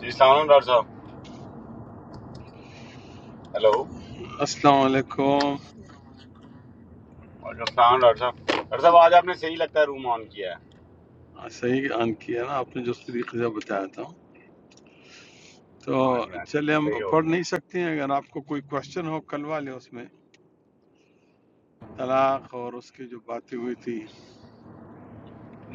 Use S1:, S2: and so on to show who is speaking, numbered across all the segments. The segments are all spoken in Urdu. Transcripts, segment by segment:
S1: جی السلام علیکم ڈاکٹر صاحب ہیلو
S2: السلام علیکم
S1: وعلیکم السلام ڈاکٹر صاحب ڈاکٹر صاحب آج آپ نے صحیح لگتا ہے روم آن کیا ہے
S2: صحیح آن کیا نا آپ نے جو طریقے سے بتایا تھا تو
S1: ہاں جی ہاں جی
S2: چلے ہم
S1: صحیح ہو
S2: پڑھ
S1: گیا
S2: نہیں سکتے ہیں اگر آپ کو کوئی کوشچن ہو کل والے اس میں طلاق اور اس کی جو باتیں ہوئی تھی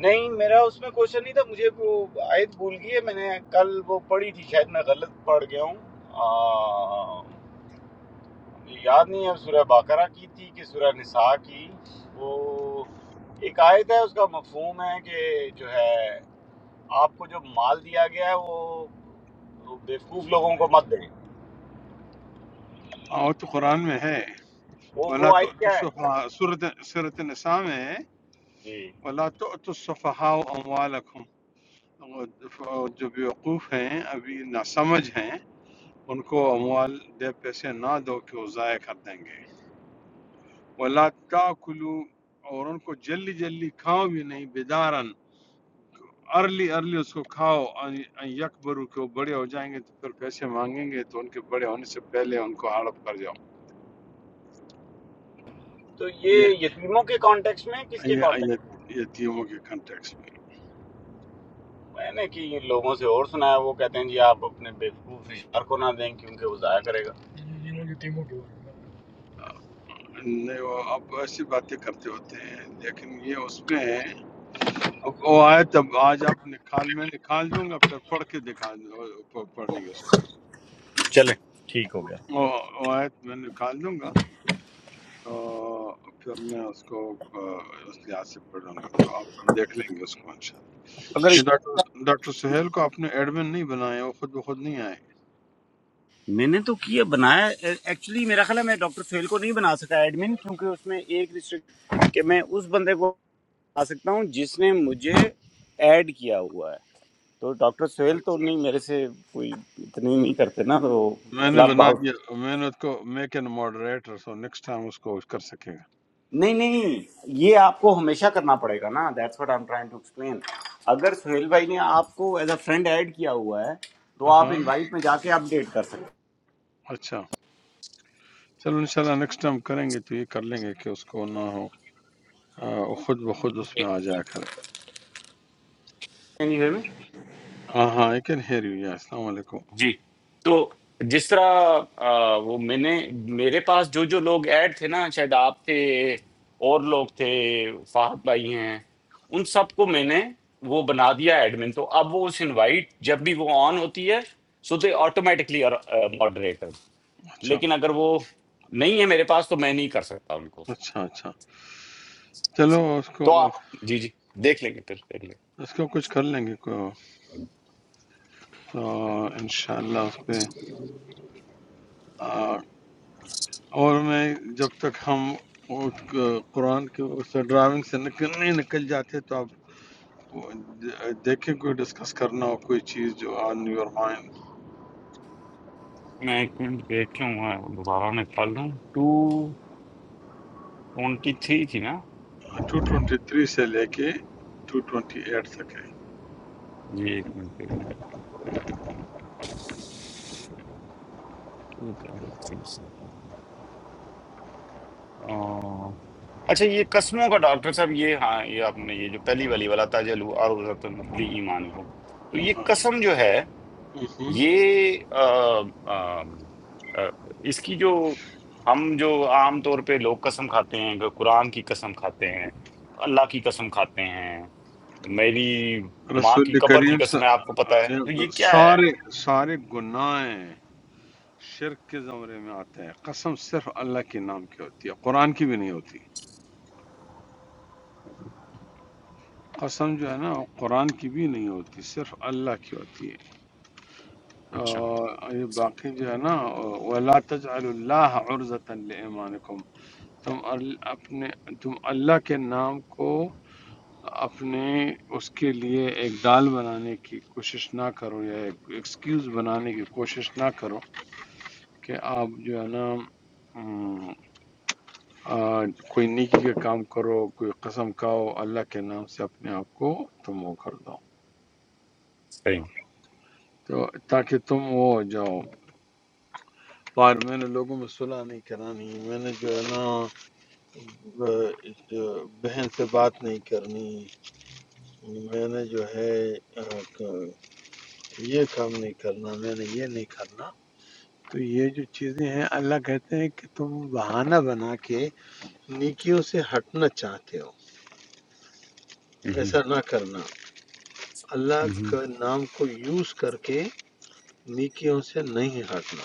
S1: نہیں میرا اس میں کوشچن نہیں تھا مجھے وہ آیت بھول گئی ہے میں نے کل وہ پڑھی تھی شاید میں غلط پڑھ گیا ہوں آ، مجھے یاد نہیں ہے سورہ باقرہ کی تھی کہ سورہ نساء کی وہ ایک آیت ہے اس کا مفہوم ہے کہ جو ہے آپ کو جو مال دیا گیا ہے وہ وہ بیوقوف لوگوں کو مت دیں
S2: ہاں، وہ تو قرآن میں ہے
S1: وہ
S2: ولا
S1: وہ آیت
S2: تو
S1: کیا ہے
S2: صورت صورت نساء میں ہے
S1: جی
S2: ولا تو تصفحاء اموالکم جو بیوقوف ہیں ابھی ناسمجھ ہیں ان کو اموال دے پیسے نہ دو کہ وہ ضائع کر دیں گے ولا تاکلو اور ان کو جلدی جلدی کھاؤ بھی نہیں بیدارن ارلی ارلی اس کو کھاؤ ان- ان یکبرو کہ وہ بڑے ہو جائیں گے تو پھر پیسے مانگیں گے تو ان کے بڑے ہونے سے پہلے ان کو ہڑپ کر جاؤ
S1: تو
S2: یہ
S1: یہ یتیموں کے کانٹیکس میں کس کے
S2: یہ-
S1: کانٹیکس میں
S2: یہ- یتیموں کے کنٹیکس میں
S1: میں نے کہ یہ لوگوں سے اور سنا ہے وہ کہتے ہیں جی آپ اپنے بیوقوف اشار کو نہ دیں کیونکہ وہ ضائع کرے گا
S2: نہیں وہ اب ایسی باتیں کرتے ہوتے ہیں لیکن یہ اس میں ہے اب وہ آئے تب آج آپ نکال میں نکال دوں گا پھر پڑھ کے دکھا دوں- پڑھ لیں گے اس کو
S1: چلے ٹھیک ہو گیا
S2: وہ وہ آیت میں نکال دوں گا آ، پھر میں اس کو آ، اس لحاظ سے پڑھوں گا تو آپ دیکھ لیں گے اس کو انشاءاللہ
S1: اگر
S2: یہ ڈاکٹر ڈاکٹر سہیل کو آپ نے ایڈمن نہیں بنایا وہ خود بخود نہیں آئے
S1: میں نے تو کیا بنایا ایکچولی میرا خیال ہے میں ڈاکٹر فیل کو نہیں بنا سکا ایڈمن کیونکہ اس میں ایک ریسٹرکٹ کہ میں اس بندے کو بنا سکتا ہوں جس نے مجھے ایڈ کیا ہوا ہے تو ڈاکٹر سہیل تو
S2: اچھا
S1: نہیں میرے سے کوئی اتنی نہیں کرتے نا تو
S2: میں نے
S1: کلب
S2: بنا
S1: ہاؤس
S2: دیا میں نے اس کو make an moderator so next time اس کو کر سکے
S1: نہیں نہیں یہ آپ کو ہمیشہ کرنا پڑے گا نا that's what I am trying to explain اگر سہیل بھائی نے آپ کو ایز اے فرینڈ ایڈ کیا ہوا ہے تو
S2: گا
S1: آپ
S2: ہاں
S1: انوائٹ میں جا کے اپ ڈیٹ کر سکتے
S2: اچھا چلو انشاءاللہ نیکسٹ ٹائم کریں گے تو یہ کر لیں گے کہ اس کو نہ ہو آ، وہ خود بخود اس میں آ جایا کرے
S1: جی ہیں میں
S2: ہاں ہاں آئی کین ہیئر یو السلام علیکم
S1: جی تو جس طرح آ، وہ میں نے میرے پاس جو جو لوگ ایڈ تھے نا شاید آپ تھے اور لوگ تھے فہد بھائی ہیں ان سب کو میں نے وہ بنا دیا ایڈمن تو اب وہ اس انوائٹ جب بھی وہ آن ہوتی ہے سو دے آٹومیٹکلی ماڈریٹر
S2: اچھا
S1: لیکن اگر وہ نہیں ہے میرے پاس تو میں نہیں کر سکتا ان کو
S2: اچھا اچھا چلو اس کو
S1: تو آپ جی جی دیکھ لیں گے پھر دیکھ لیں گے۔
S2: اس کو کچھ کر لیں گے کوئی تو انشاءاللہ اس پہ آ، اور میں جب تک ہم وہ ق- قرآن کے اس ڈرائیونگ سے نکل نہیں نکل جاتے تو آپ وہ د- دیکھیں کوئی ڈسکس کرنا ہو کوئی چیز جو آن یور مائنڈ
S1: میں ایک منٹ دیکھ لوں میں دوبارہ نکال لوں ٹو ٹوینٹی تھری تھی نا
S2: 223 سے لے کے 228 تک ہے
S1: یہ ایک منٹ دیکھ لوں. ٹو ٹوینٹی تھری سے آہ، اچھا یہ قسموں کا ڈاکٹر صاحب یہ ہاں یہ آپ نے یہ جو پہلی والی والا تاجل اور لی ایمان کو تو یہ
S2: ہاں۔
S1: قسم جو ہے
S2: ہم۔
S1: یہ آم، آم، آ، اس کی جو ہم جو عام طور پہ لوگ قسم کھاتے ہیں کہ قرآن کی قسم کھاتے ہیں اللہ کی قسم کھاتے ہیں میری ماں کی
S2: رسول
S1: قبر کی
S2: کریم
S1: قسم ہے آپ کو پتہ ہے تو یہ
S2: ص-
S1: کیا ہے
S2: سارے سارے گناہیں شرک کے زمرے میں آتے ہیں قسم صرف اللہ کے نام کی ہوتی ہے قرآن کی بھی نہیں ہوتی قسم جو ہے نا وہ قرآن کی بھی نہیں ہوتی صرف اللہ کی ہوتی ہے
S1: اچھا
S2: اور یہ باقی جو ہے نا ولا تجعل اللہ عرضة لایمانکم تم ال- اپنے تم اللہ کے نام کو اپنے اس کے لیے ایک ڈال بنانے کی کوشش نہ کرو یا ایک ایکسکیوز بنانے کی کوشش نہ کرو کہ آپ جو ہے نا ہم، آ، کوئی نیکی کا کام کرو کوئی قسم کھاؤ اللہ کے نام سے اپنے آپ کو تم وہ کر دو
S1: صحیح
S2: تو تاکہ تم وہ ہو جاؤ اور میں نے لوگوں میں صلح نہیں کرانی میں نے جو ہے نا ب- جو بہن سے بات نہیں کرنی میں نے جو ہے آ، ک- یہ کام نہیں کرنا میں نے یہ نہیں کرنا تو یہ جو چیزیں ہیں اللہ کہتے ہیں کہ تم بہانہ بنا کے نیکیوں سے ہٹنا چاہتے ہو
S1: مہم،
S2: ایسا نہ کرنا اللہ
S1: مہم،
S2: کا نام کو یوز کر کے نیکیوں سے نہیں ہٹنا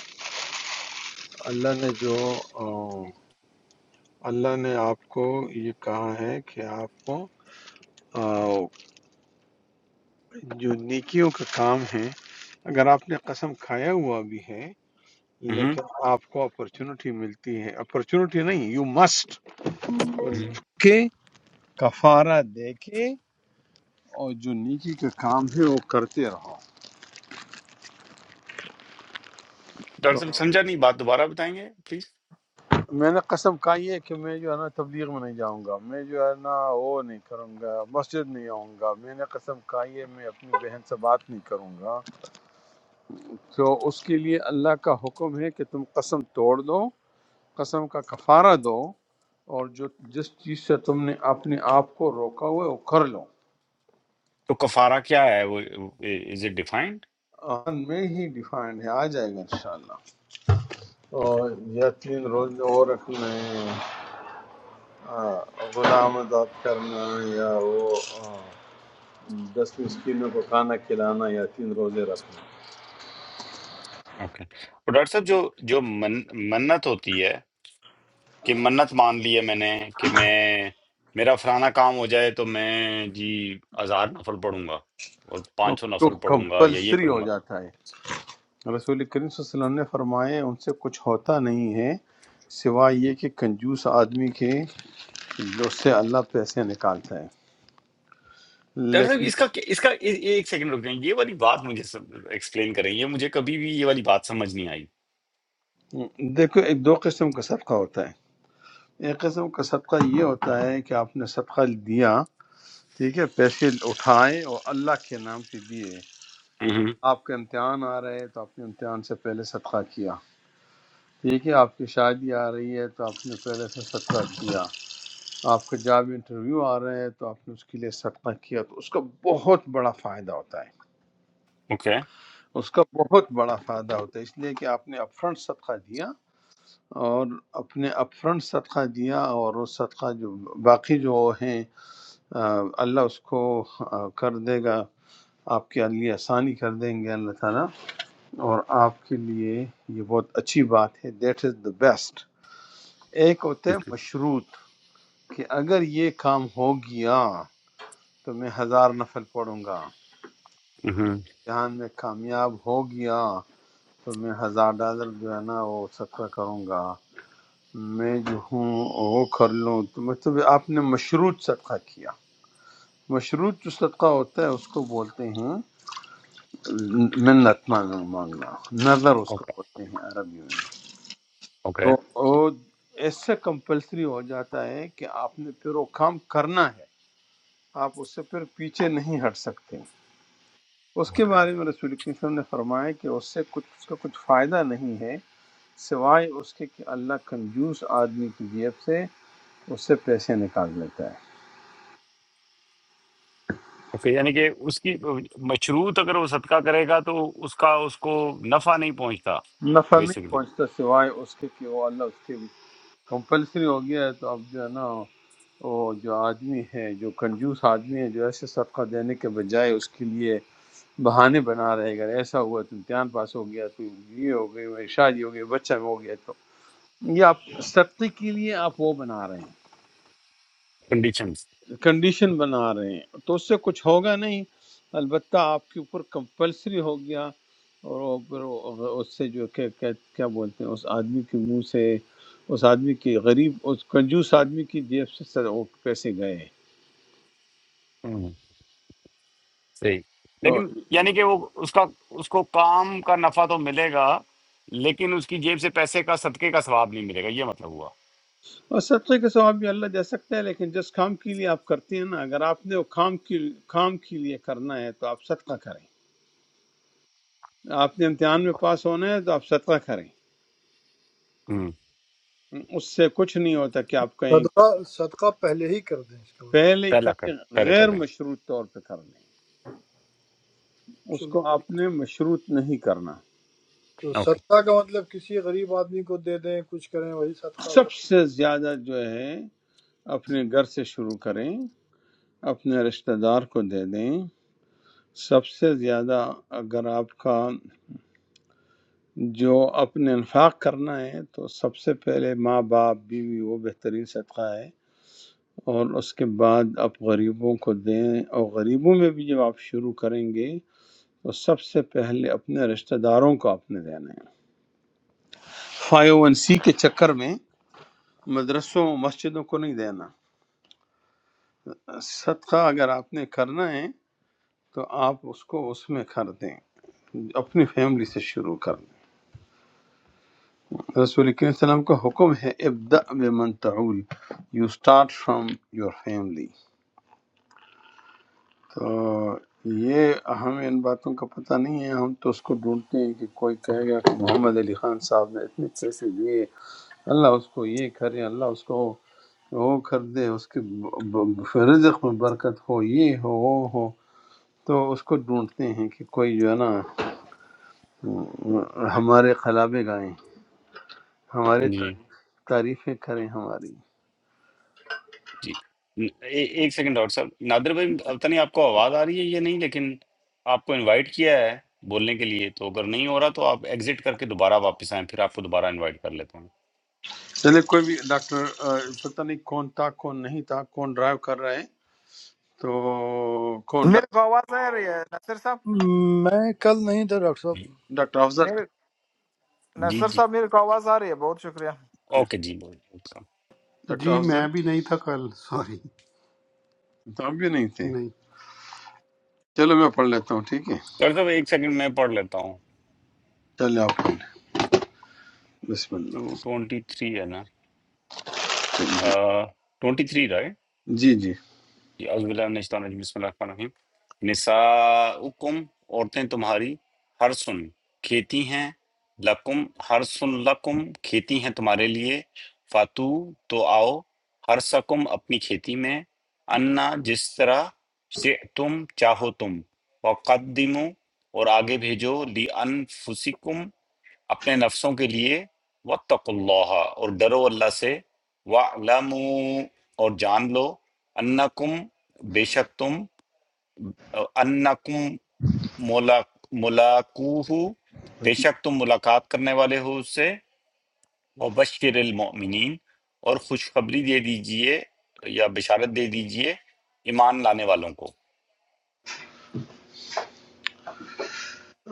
S2: اللہ نے جو اللہ نے آپ کو یہ کہا ہے کہ آپ کو آ، جو نیکیوں کا کام ہے اگر آپ نے قسم کھایا ہوا بھی ہے
S1: مہم،
S2: لیکن آپ کو اپرچونٹی ملتی ہے اپرچونٹی نہیں یو مسٹ
S1: مہم۔
S2: کہ کفارہ دے کے اور جو نیکی کا کام ہے وہ کرتے رہو
S1: ڈاکٹر
S2: تو
S1: صاحب سمجھا نہیں بات دوبارہ بتائیں گے پلیز
S2: میں نے قسم کھائی ہے کہ میں جو ہے نا تبلیغ میں نہیں جاؤں گا میں جو ہے نا وہ نہیں کروں گا مسجد نہیں آؤں گا میں نے قسم کھائی ہے میں اپنی بہن سے بات نہیں کروں گا تو اس کے لیے اللہ کا حکم ہے کہ تم قسم توڑ دو قسم کا کفارہ دو اور جو جس چیز سے تم نے اپنے آپ کو روکا ہوا ہے وہ کر لو
S1: تو کفارہ کیا ہے وہ از اٹ ڈیفائنڈ
S2: آن میں ہی ڈیفائنڈ ہے آ جائے گا انشاءاللہ
S1: اوکے
S2: اور یا تین روزے اور رکھنا ہے آ، غلام آزاد کرنا یا وہ آ، دس مسکینوں کو کھانا کھلانا یا تین روزے رکھنا
S1: اوکے اور ڈاکٹر صاحب جو جو من, منت ہوتی ہے کہ منت مان لی ہے میں نے کہ میں میرا فلانا کام ہو جائے تو میں جی ہزار نفل پڑھوں گا اور پانچ سو
S2: تو
S1: نفل پڑھوں گا یا یہ
S2: کمپلسری
S1: کروں
S2: ہو
S1: گا
S2: جاتا ہے رسول کریم صلی اللہ علیہ وسلم نے فرمایا ان سے کچھ ہوتا نہیں ہے سوائے یہ کہ کنجوس آدمی کے جو اس سے اللہ پیسے نکالتا ہے
S1: ڈاکٹر صاحب
S2: لیکن
S1: اس کا اس کا یہ- یہ ایک سیکنڈ رک جائیں یہ والی بات مجھے ایکسپلین کریں یہ مجھے کبھی بھی یہ والی بات سمجھ نہیں آئی
S2: دیکھو ایک دو قسم کا صدقہ ہوتا ہے ایک قسم کا صدقہ یہ ہوتا ہے کہ آپ نے صدقہ دیا ٹھیک ہے پیسے اٹھائے اور اللہ کے نام سے دیے
S1: مہم،
S2: آپ کا امتحان آ رہا ہے تو آپ نے امتحان سے پہلے صدقہ کیا ٹھیک ہے آپ کی شادی آ رہی ہے تو آپ نے پہلے سے صدقہ کیا آپ کا جاب انٹرویو آ رہا ہے تو آپ نے اس کے لیے صدقہ کیا تو اس کا بہت بڑا فائدہ ہوتا ہے
S1: اوکے
S2: اس کا بہت بڑا فائدہ ہوتا ہے اس لیے کہ آپ نے اپ فرنٹ صدقہ دیا اور اپنے اپ فرنٹ صدقہ دیا اور وہ صدقہ جو باقی جو ہیں آ، اللہ اس کو آ، کر دے گا آپ کے لیے آسانی کر دیں گے اللہ تعالیٰ اور آپ کے لیے یہ بہت اچھی بات ہے دیٹ از دا بیسٹ ایک ہوتا ہے مشروط کہ اگر یہ کام ہو گیا تو میں ہزار نفل پڑھوں گا
S1: مہم،
S2: امتحان میں کامیاب ہو گیا تو میں ہزار ڈالر جو ہے نا وہ صدقہ کروں گا میں جو ہوں وہ کر لوں تو مطلب آپ نے مشروط صدقہ کیا مشروط جو صدقہ ہوتا ہے اس کو بولتے ہیں منت مانگ- مانگنا نظر اس کو
S1: اوکے
S2: بولتے ہیں عربی میں
S1: اوکے
S2: تو وہ اس سے کمپلسری ہو جاتا ہے کہ آپ نے پھر وہ کام کرنا ہے آپ اس سے پھر پیچھے نہیں ہٹ سکتے اس کے
S1: اوکے
S2: بارے میں رسول اکرم صلی اللہ علیہ وسلم نے فرمایا کہ اس سے کچھ اس کا کچھ فائدہ نہیں ہے سوائے اس کے کہ اللہ کنجوس آدمی کی جیب سے اس سے پیسے نکال لیتا
S1: اوکے یعنی کہ اس کی مشروط اگر وہ صدقہ کرے گا تو اس کا اس کو نفع نہیں پہنچتا
S2: ہے نفع نہیں
S1: بیسکلی
S2: پہنچتا سوائے اس کے کہ وہ اللہ اس کے کمپلسری ہو گیا ہے تو اب جو ہے نا وہ جو آدمی ہے جو کنجوس آدمی ہے جو ایسے صدقہ دینے کے بجائے اس کے لیے بہانے بنا رہے گا ایسا ہوا تو امتحان پاس ہو گیا تو یہ ہو گئی وہ شادی ہو گئی بچہ ہو گیا تو یہ آپ صدقے کے لیے آپ وہ بنا رہے ہیں
S1: کنڈیشنز
S2: کنڈیشن بنا رہے ہیں تو اس سے کچھ ہوگا نہیں البتہ آپ کے اوپر کمپلسری ہو گیا اور وہ پھر وہ- اس سے جو کہ کہ- کیا بولتے ہیں اس آدمی کے منہ سے اس آدمی کی غریب اس کنجوس آدمی کی جیب سے سر- وہ پیسے گئے
S1: صحیح
S2: تو
S1: لیکن یعنی کہ وہ اس کا اس کو کام کا نفع تو ملے گا لیکن اس کی جیب سے پیسے کا صدقے کا ثواب نہیں ملے گا یہ مطلب ہوا
S2: اور صدقے کے ثواب بھی اللہ دے سکتا ہے لیکن جس کام کے لیے آپ کرتے ہیں نا اگر آپ نے وہ کام کی کام کے لیے کرنا ہے تو آپ صدقہ کریں آپ نے امتحان میں پاس ہونا ہے تو آپ صدقہ کریں
S1: ہوں
S2: اس سے کچھ نہیں ہوتا کہ آپ کہیں کہ
S3: सदका सदका पहले ही कर दें इसका मतलब
S2: پہلے ہی
S1: پہلا کر
S2: کریں
S1: پہلے کر
S2: غیر
S1: رہے ہیں
S2: مشروط طور پہ کر لیں اس کو
S3: चलिए,
S2: آپ نے مشروط نہیں کرنا
S3: तो
S1: اوکے
S3: सदका का मतलब किसी गरीब आदमी को दे दें कुछ करें वही सदका हो
S2: سب سے زیادہ جو ہے اپنے گھر سے شروع کریں اپنے رشتہ دار کو دے دیں سب سے زیادہ اگر آپ کا جو اپنے انفاق کرنا ہے تو سب سے پہلے ماں باپ بیوی وہ بہترین صدقہ ہے اور اس کے بعد آپ غریبوں کو دیں اور غریبوں میں بھی جب آپ شروع کریں گے تو سب سے پہلے اپنے رشتہ داروں کو آپ نے دینا ہے فائیو ون سی کے چکر میں مدرسوں مسجدوں کو نہیں دینا صدقہ اگر آپ نے کرنا ہے تو آپ اس کو اس میں کر دیں اپنی فیملی سے شروع کر دیں رسول کریم صلی اللہ علیہ وسلم کا حکم ہے ابدا بمن تعول you start from your family تو یہ ہمیں ان باتوں کا پتہ نہیں ہے ہم تو اس کو ڈھونڈتے ہیں کہ کوئی کہے گا کہ محمد علی خان صاحب نے اتنے پیسے دیے اللہ اس کو یہ کرے اللہ اس کو وہ کر دے اس کے ب- ب- رزق میں برکت ہو یہ ہو وہ ہو تو اس کو ڈھونڈتے ہیں کہ کوئی جو ہے نا ہمارے خلابے گائیں ہمارے
S1: جی
S2: تعریف تعریفیں کریں ہماری
S1: جی ن- اے- ایک سیکنڈ ڈاکٹر صاحب نادر بھائی پتہ نہیں آپ کو آواز آ رہی ہے یا نہیں لیکن آپ کو انوائٹ کیا ہے بولنے کے لیے تو اگر نہیں ہو رہا تو آپ ایگزٹ کر کے دوبارہ واپس آئیں پھر آپ کو دوبارہ انوائٹ کر لیتا ہوں
S2: چلے کوئی بھی ڈاکٹر آ، پتہ نہیں کون تھا کون نہیں تھا کون ڈرائیو کر رہے ہیں تو کون
S4: मेरे को आवाज आ रही है नसर साहब
S3: मैं कल नहीं था डॉक्टर साहब
S1: جی
S2: ڈاکٹر افضل
S4: मेरे
S1: جی
S4: नसर
S1: جی
S4: साहब मेरे को आवाज आ रही है बहुत शुक्रिया
S2: تھے
S1: اوکے جی بول ڈاکٹر
S2: ڈاکٹر
S5: جی
S2: افضل
S5: میں بھی نہیں تھا کل سوری
S2: تو آپ بھی نہیں تھے
S5: نہیں
S2: چلو میں پڑھ لیتا ہوں ٹھیک ہے
S1: صاحب ایک سیکنڈ میں پڑھ لیتا ہوں
S2: چلے آپ پڑھ لیں بسم
S1: ٹو ٹوینٹی تھری ہے نا
S2: اللہ
S1: ٹوئنٹی تھری رائے
S2: جی جی
S1: جی اعوذ باللہ من الشیطان الرجیم بسم اللہ الرحمن الرحیم نساؤکم عورتیں تمہاری ہر سن کھیتی ہیں لکم ہر سن لکم کھیتی ہیں تمہارے لیے فاتو تو آؤ ہر سکم اپنی کھیتی میں انا جس طرح سے تم چاہو تم وقدمو اور آگے بھیجو لی انفسکم اپنے نفسوں کے لیے وَاتَّقُوا اللَّهَ اور ڈرو اللہ سے وَاعْلَمُوا اور جان لو انکم بے شک تم انکم ملاق- ملاقوہو بے شک تم ملاقات کرنے والے ہو اس سے وبشر المؤمنین اور خوشخبری دے دیجئے یا بشارت دے دیجئے ایمان لانے والوں کو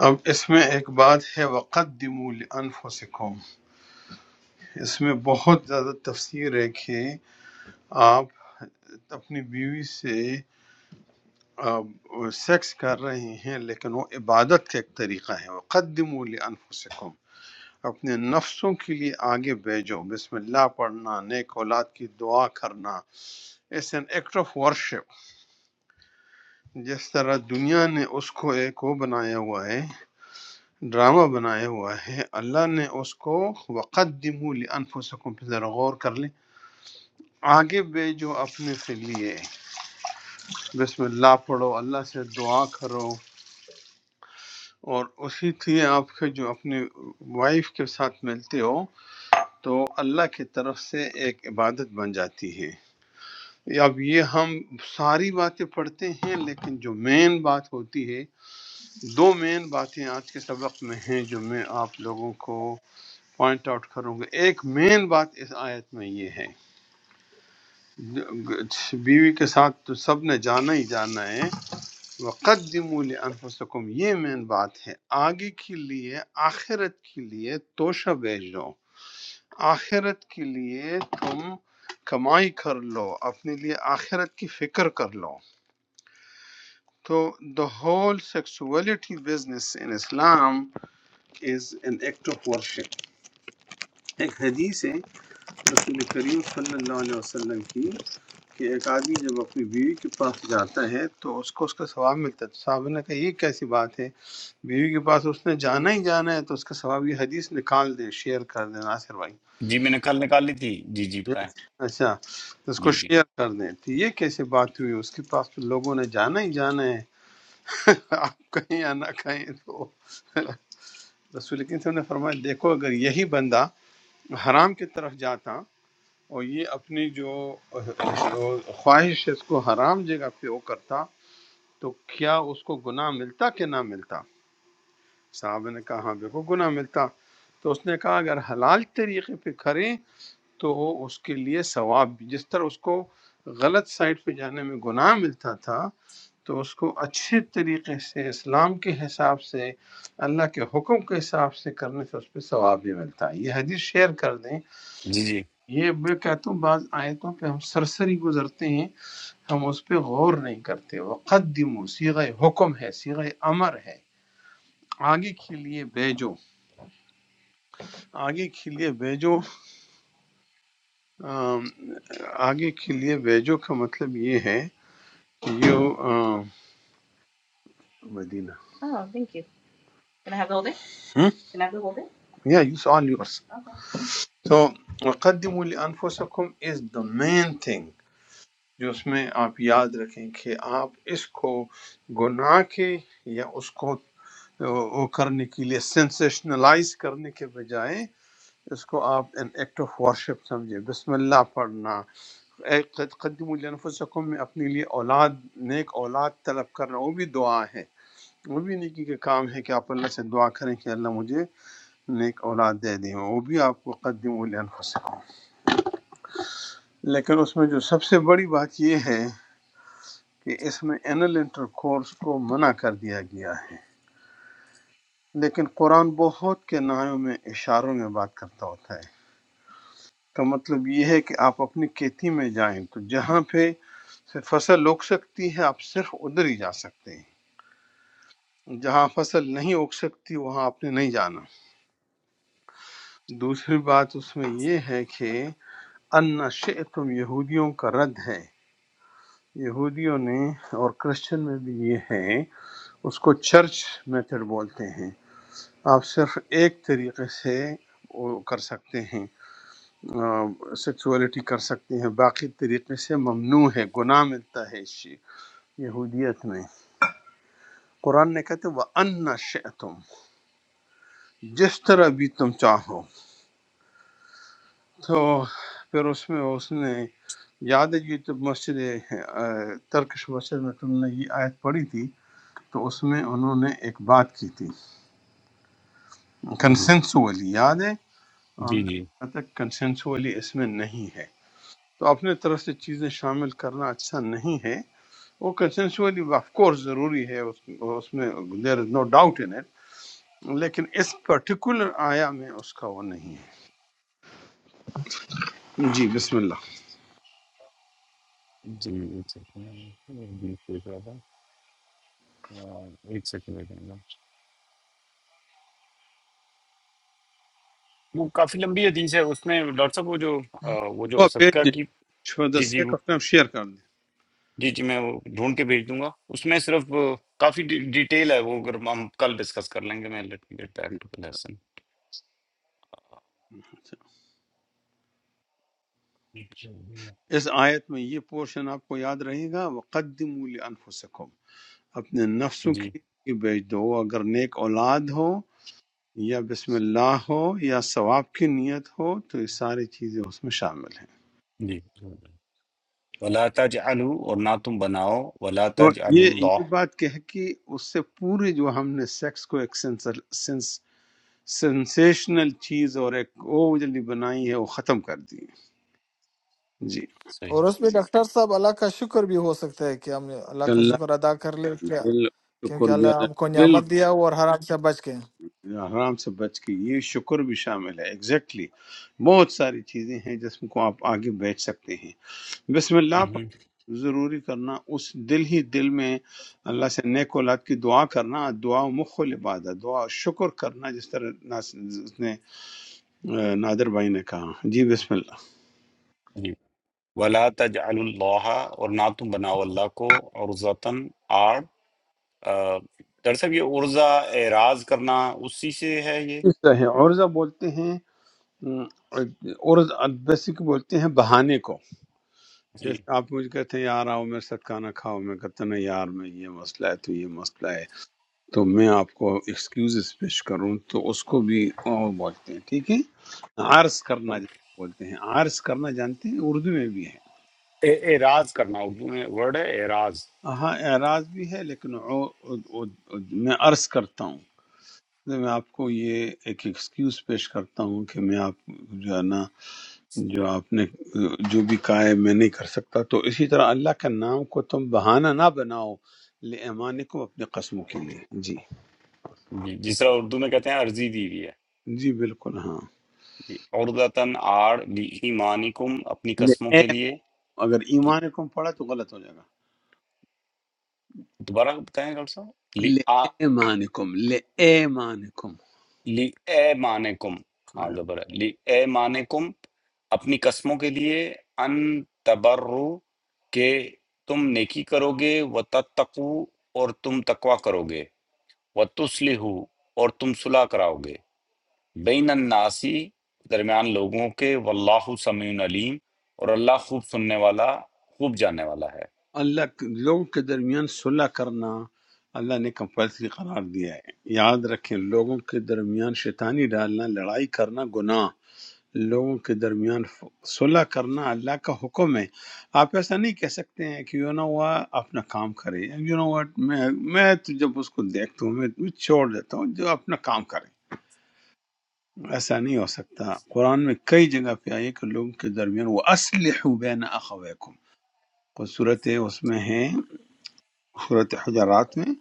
S2: اب اس میں ایک بات ہے وقدموا لانفسکم اس میں بہت زیادہ تفسیر ہے کہ آپ اپنی بیوی سے آ، سیکس کر رہے ہیں لیکن وہ عبادت کا ایک طریقہ ہے وقدموا لانفسکم اپنے نفسوں کے لیے آگے بھیجو بسم اللہ پڑھنا نیک اولاد کی دعا کرنا اس این ایکٹ آف ورشپ جس طرح دنیا نے اس کو ایک وہ بنایا ہوا ہے ڈرامہ بنایا ہوا ہے اللہ نے اس کو وقدموا لانفسکم پہ ذرا غور کر لیں آگے بھیجو اپنے کے لیے بسم اللہ پڑھو اللہ سے دعا کرو اور اسی لیے آپ کے جو اپنے وائف کے ساتھ ملتے ہو تو اللہ کی طرف سے ایک عبادت بن جاتی ہے اب یہ ہم ساری باتیں پڑھتے ہیں لیکن جو مین بات ہوتی ہے دو مین باتیں آج کے سبق میں ہیں جو میں آپ لوگوں کو پوائنٹ آؤٹ کروں گا ایک مین بات اس آیت میں یہ ہے بیوی کے ساتھ تو سب نے جانا ہی جانا ہے وَقَدِّمُوا لِأَنفُسَكُمْ یہ مین بات ہے آگے کے لیے آخرت کے لیے توشہ بھیجو آخرت کے لیے تم کمائی کر لو اپنے لیے آخرت کی فکر کر لو تو the whole sexuality business in Islam is an act of worship ایک حدیث ہے رسول کریم صلی اللہ علیہ وسلم کی کہ ایک آدمی جب اپنی بیوی کے پاس جاتا ہے تو اس کو اس کا ثواب ملتا ہے تو صحابہ نے کہا یہ کیسی بات ہے بیوی کے پاس اس نے جانا ہی جانا ہے تو اس کا ثواب یہ حدیث نکال دیں شیئر کر دیں ناصر بھائی
S1: جی میں نے کل نکال لی تھی جی جی بتائیں
S2: اچھا تو اس
S1: جی
S2: کو
S1: جی
S2: شیئر کر دیں تو یہ کیسے بات ہوئی اس کے پاس تو لوگوں نے جانا ہی جانا ہے آپ کہیں یا نہ کہیں تو رسول کریم صلی اللہ علیہ وسلم نے فرمایا دیکھو اگر یہی بندہ حرام کی طرف جاتا اور یہ اپنی جو جو خواہش ہے اس کو حرام جگہ پہ وہ کرتا تو کیا اس کو گناہ ملتا کہ نہ ملتا صاحب نے کہا ہاں بالکل گناہ ملتا تو اس نے کہا اگر حلال طریقے پہ کریں تو اس کے لیے ثواب بھی جس طرح اس کو غلط سائٹ پہ جانے میں گناہ ملتا تھا تو اس کو اچھے طریقے سے اسلام کے حساب سے اللہ کے حکم کے حساب سے کرنے سے اس پہ ثواب بھی ملتا ہے یہ حدیث شیئر کر دیں
S1: جی جی
S2: یہ میں کہتا ہوں بعض آیتوں پہ ہم سرسری گزرتے ہیں ہم اس پہ غور نہیں کرتے وقدمو سیغہ حکم ہے سیغہ امر ہے آگے کے لیے بھیجو آگے کے لیے بھیجو آم، آگے کے لیے بھیجو کا مطلب یہ ہے کہ you um, Medina Oh, thank you. Can I have the whole day? ہم؟ Can I have the whole day? Yeah, use all yours. Okay. So, وَقَدِّمُوا لِأَنفُسَكُمْ is the main thing. جو اس میں آپ یاد رکھیں کہ آپ اس کو گناہ کے یا اس کو وہ کرنے کے لیے سینسیشنلائز کرنے کے بجائے اس کو آپ این ایکٹ آف ورشپ سمجھے بسم اللہ پڑھنا اے قد- قدموا لانفسکم میں اپنے لیے اولاد نیک اولاد طلب کرنا وہ بھی دعا ہے وہ بھی نیکی کا کام ہے کہ آپ اللہ سے دعا کریں کہ اللہ مجھے نیک اولاد دے دیں وہ بھی آپ کو قدموا لانفسکم لیکن اس میں جو سب سے بڑی بات یہ ہے کہ اس میں انل انٹرکورس کو منع کر دیا گیا ہے لیکن قرآن بہت کے نایوں میں اشاروں میں بات کرتا ہوتا ہے اس کا مطلب یہ ہے کہ آپ اپنی کھیتی میں جائیں تو جہاں پہ سے فصل اگ سکتی ہے آپ صرف ادھر ہی جا سکتے ہیں جہاں فصل نہیں اگ سکتی وہاں آپ نے نہیں جانا دوسری بات اس میں یہ ہے کہ ان شئتم یہودیوں کا رد ہے یہودیوں نے اور کرسچن میں بھی یہ ہے اس کو چرچ میتھڈ بولتے ہیں آپ صرف ایک طریقے سے وہ کر سکتے ہیں سیکسولیٹی کر سکتے ہیں باقی طریقے سے ممنوع ہے گناہ ملتا ہے اس شی- یہودیت میں قرآن نے کہتے وہ ان شئتم جس طرح بھی تم چاہو تو پھر اس میں اس نے یاد ہے یہ تو مسجد آ، ترکش مسجد میں تم نے یہ آیت پڑھی تھی تو اس میں انہوں نے ایک بات کی تھی
S1: ہوں، ہوں،
S2: کنسنسولی یاد ہے ہم
S1: جی
S2: نے
S1: جی
S2: کہا تھا کنسنسولی اس میں نہیں ہے تو اپنے طرف سے چیزیں شامل کرنا اچھا نہیں ہے وہ کنسنسولی آف کورس ضروری ہے اس اس میں دیر از نو ڈاؤٹ ان اٹ لیکن اس پرٹیکولر آیا میں اس کا وہ نہیں ہے جی بسم اللہ
S1: جی ایک سیکنڈ بیچ دیکھ رہا تھا آہ، ایک سیکنڈ ایک منٹ وہ کافی لمبی حدیث ہے اس میں ڈاکٹر صاحب وہ جو آہ، وہ جو
S2: وہ
S1: صدقہ
S2: بھیج دیں
S1: کی
S2: for the
S1: جی جی
S2: sake
S1: وہ-
S2: of time شیئر کر دیں
S1: جی جی میں وہ ڈھونڈ کے بھیج دوں گا اس میں صرف آہ، کافی ڈی- ڈیٹیل ہے وہ اگر ہم کل ڈسکس کر لیں گے میں let me get back to the lesson
S2: اس آیت میں یہ پورشن آپ کو یاد رہے گا وقدموا لانفسکم اپنے نفسوں
S1: جی
S2: کی آگے بیچ دو اگر نیک اولاد ہو یا بسم اللہ ہو یا ثواب کی نیت ہو تو یہ ساری چیزیں اس میں شامل ہیں
S1: جی ولا تجعلوا اور نہ تم بناؤ ولا
S2: تو
S1: تجعلوا
S2: یہ یہ
S1: اللہ
S2: بات کہ ہے کہ اس سے پوری جو ہم نے سیکس کو ایک سینسر- سینس- سینسیشنل چیز اور ایک اوجلی بنائی ہے وہ ختم کر دی ہے۔ جی
S1: صحیح
S4: और उसमें डॉक्टर साहब अल्लाह का शुक्र भी हो सकता है कि हमने अल्लाह का
S2: اللہ
S4: शुक्र अदा कर ले
S2: کا
S4: क्या
S2: دل شکر
S4: क्योंकि
S2: بھی
S4: अल्लाह
S2: اللہ
S4: हमको
S2: بالکل
S4: नियामत दिया वो और हराम से बच गए
S2: حرام سے بچ کے یہ شکر بھی شامل ہے ایگزیکٹلی بہت ساری چیزیں ہیں جس کو آپ آگے بیچ سکتے ہیں بسم اللہ پڑھ
S1: مہم،
S2: ضروری کرنا اس دل ہی دل میں اللہ سے نیک اولاد کی دعا کرنا دعا مخ العبادت دعا شکر کرنا جس طرح آ، نادر بھائی نے کہا جی بسم اللہ
S1: جی ولا تجعلوا اللہ اور نہ تم بناؤ اللہ کو عرضتاً آ، ڈاکٹر صاحب یہ عرضہ اعراض کرنا اسی سے ہے یہ
S2: اس طرح ہے عرضہ بولتے ہیں ام، عرض بیسک بولتے ہیں بہانے کو
S1: جی
S2: جیسے آپ مجھ کہتے ہیں یار آؤ میرے ساتھ کھانا کھاؤ میں کہتا ہوں، نہیں یار میں یہ مسئلہ ہے تو یہ مسئلہ ہے تو میں آپ کو ایکسکیوز پیش کروں تو اس کو بھی آ، بولتے ہیں ٹھیک ہے عرض کرنا جس کو بولتے ہیں عرض کرنا جانتے ہیں اردو میں بھی ہے
S1: اع- اعراض کرنا اردو میں ورڈ ہے اعراض
S2: ہاں اعراض بھی ہے لیکن عو- عو- عو- میں عرض کرتا ہوں تو میں آپ کو یہ ایک ایکسکیوز پیش کرتا ہوں کہ میں آپ جو ہے نا جو آپ نے جو بھی کہا ہے میں نہیں کر سکتا تو اسی طرح اللہ کا نام کو تم بہانہ نہ بناؤ لے کو اپنے قسموں کے لیے جی
S1: جی جس طرح اردو میں کہتے ہیں عرضی دی ہوئی ہے
S2: جی بالکل ہاں
S1: جی عرضتاً آڑ لی ایمانکم اپنی قسموں
S2: لے
S1: کے لیے
S2: اگر
S1: جی،
S2: ایمانکم پڑا تو غلط ہو جائے گا
S1: دوبارہ بتائیں ڈاکٹر صاحب لی آ
S2: لے ایمانکم لے ایمانکم
S1: لی اے مانکم ہاں زبر ہے لی اے مانکم اپنی قسموں کے لیے ان تبرو کہ تم نیکی کرو گے و تتقو اور تم تقوا کرو گے و اور تم صلح کراؤ گے بین الناسی درمیان لوگوں کے واللہ سمیع علیم اور اللہ خوب سننے والا خوب جاننے والا ہے
S2: اللہ کے- لوگوں کے درمیان صلح کرنا اللہ نے کمپلسری قرار دیا ہے یاد رکھیں لوگوں کے درمیان شیطانی ڈالنا لڑائی کرنا گناہ لوگوں کے درمیان ف- صلح کرنا اللہ کا حکم ہے آپ ایسا نہیں کہہ سکتے ہیں کہ یو نو وا اپنا کام کرے یو نو واٹ میں میں تو جب اس کو دیکھتا ہوں میں میں چھوڑ دیتا ہوں جو اپنا کام کرے ایسا نہیں ہو سکتا قرآن میں کئی جگہ پہ آئی ہے کہ لوگوں کے درمیان وہ اسلحہ بین اخویکم کو صورت اس میں ہے صورت حجرات میں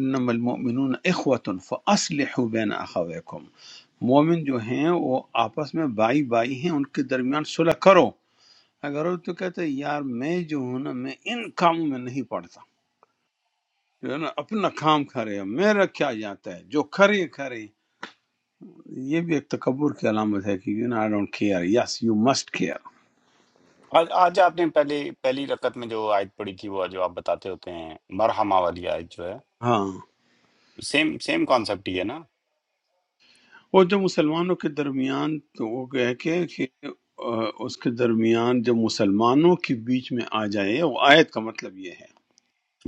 S2: انما المؤمنون اخوة فاصلحوا بین اخویکم مومن جو ہیں وہ آپس میں بائی بائی ہیں ان کے درمیان صلح کرو اگر وہ تو کہتے ہیں یار میں جو ہوں نا میں ان کاموں میں نہیں پڑتا جو ہے نا اپنا کام کرے میرا کیا جاتا ہے جو کرے کرے یہ بھی ایک تکبر کی علامت ہے کہ you know I don't care yes you must care
S1: آج آج آپ نے پہلے پہلی رکعت میں جو آیت پڑھی تھی وہ جو آپ بتاتے ہوتے ہیں مرحمہ والی آیت جو ہے
S2: ہاں
S1: سیم سیم کانسیپٹ ہی ہے نا
S2: وہ جو مسلمانوں کے درمیان تو وہ گئے کہ کہ، آ، اس کے درمیان جو مسلمانوں کے بیچ میں آ جائے وہ آیت کا مطلب یہ ہے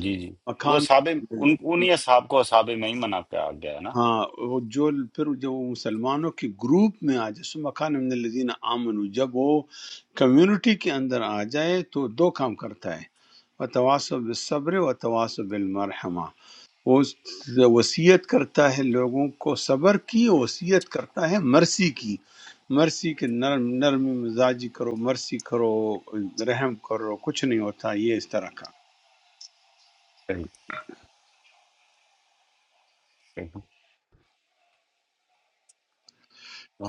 S1: جی جی وہ
S2: مکان
S1: صحاب ان انہی اصحاب کو اصحاب میمنہ میں ہی منا کے آ گیا ہے نا
S2: ہاں وہ جو پھر جو وہ مسلمانوں کے گروپ میں آ جائے سو مکان من الذین آمنو جب وہ کمیونٹی کے اندر آ جائے تو دو کام کرتا ہے وتواصب بالصبر وتواصب بالمرحمہ وہ وصیت کرتا ہے لوگوں کو صبر کی وصیت کرتا ہے مرسی کی مرسی کے نرم نرم مزاجی کرو مرسی کرو رحم کرو کچھ نہیں ہوتا یہ اس طرح کا
S1: صحیح صحیح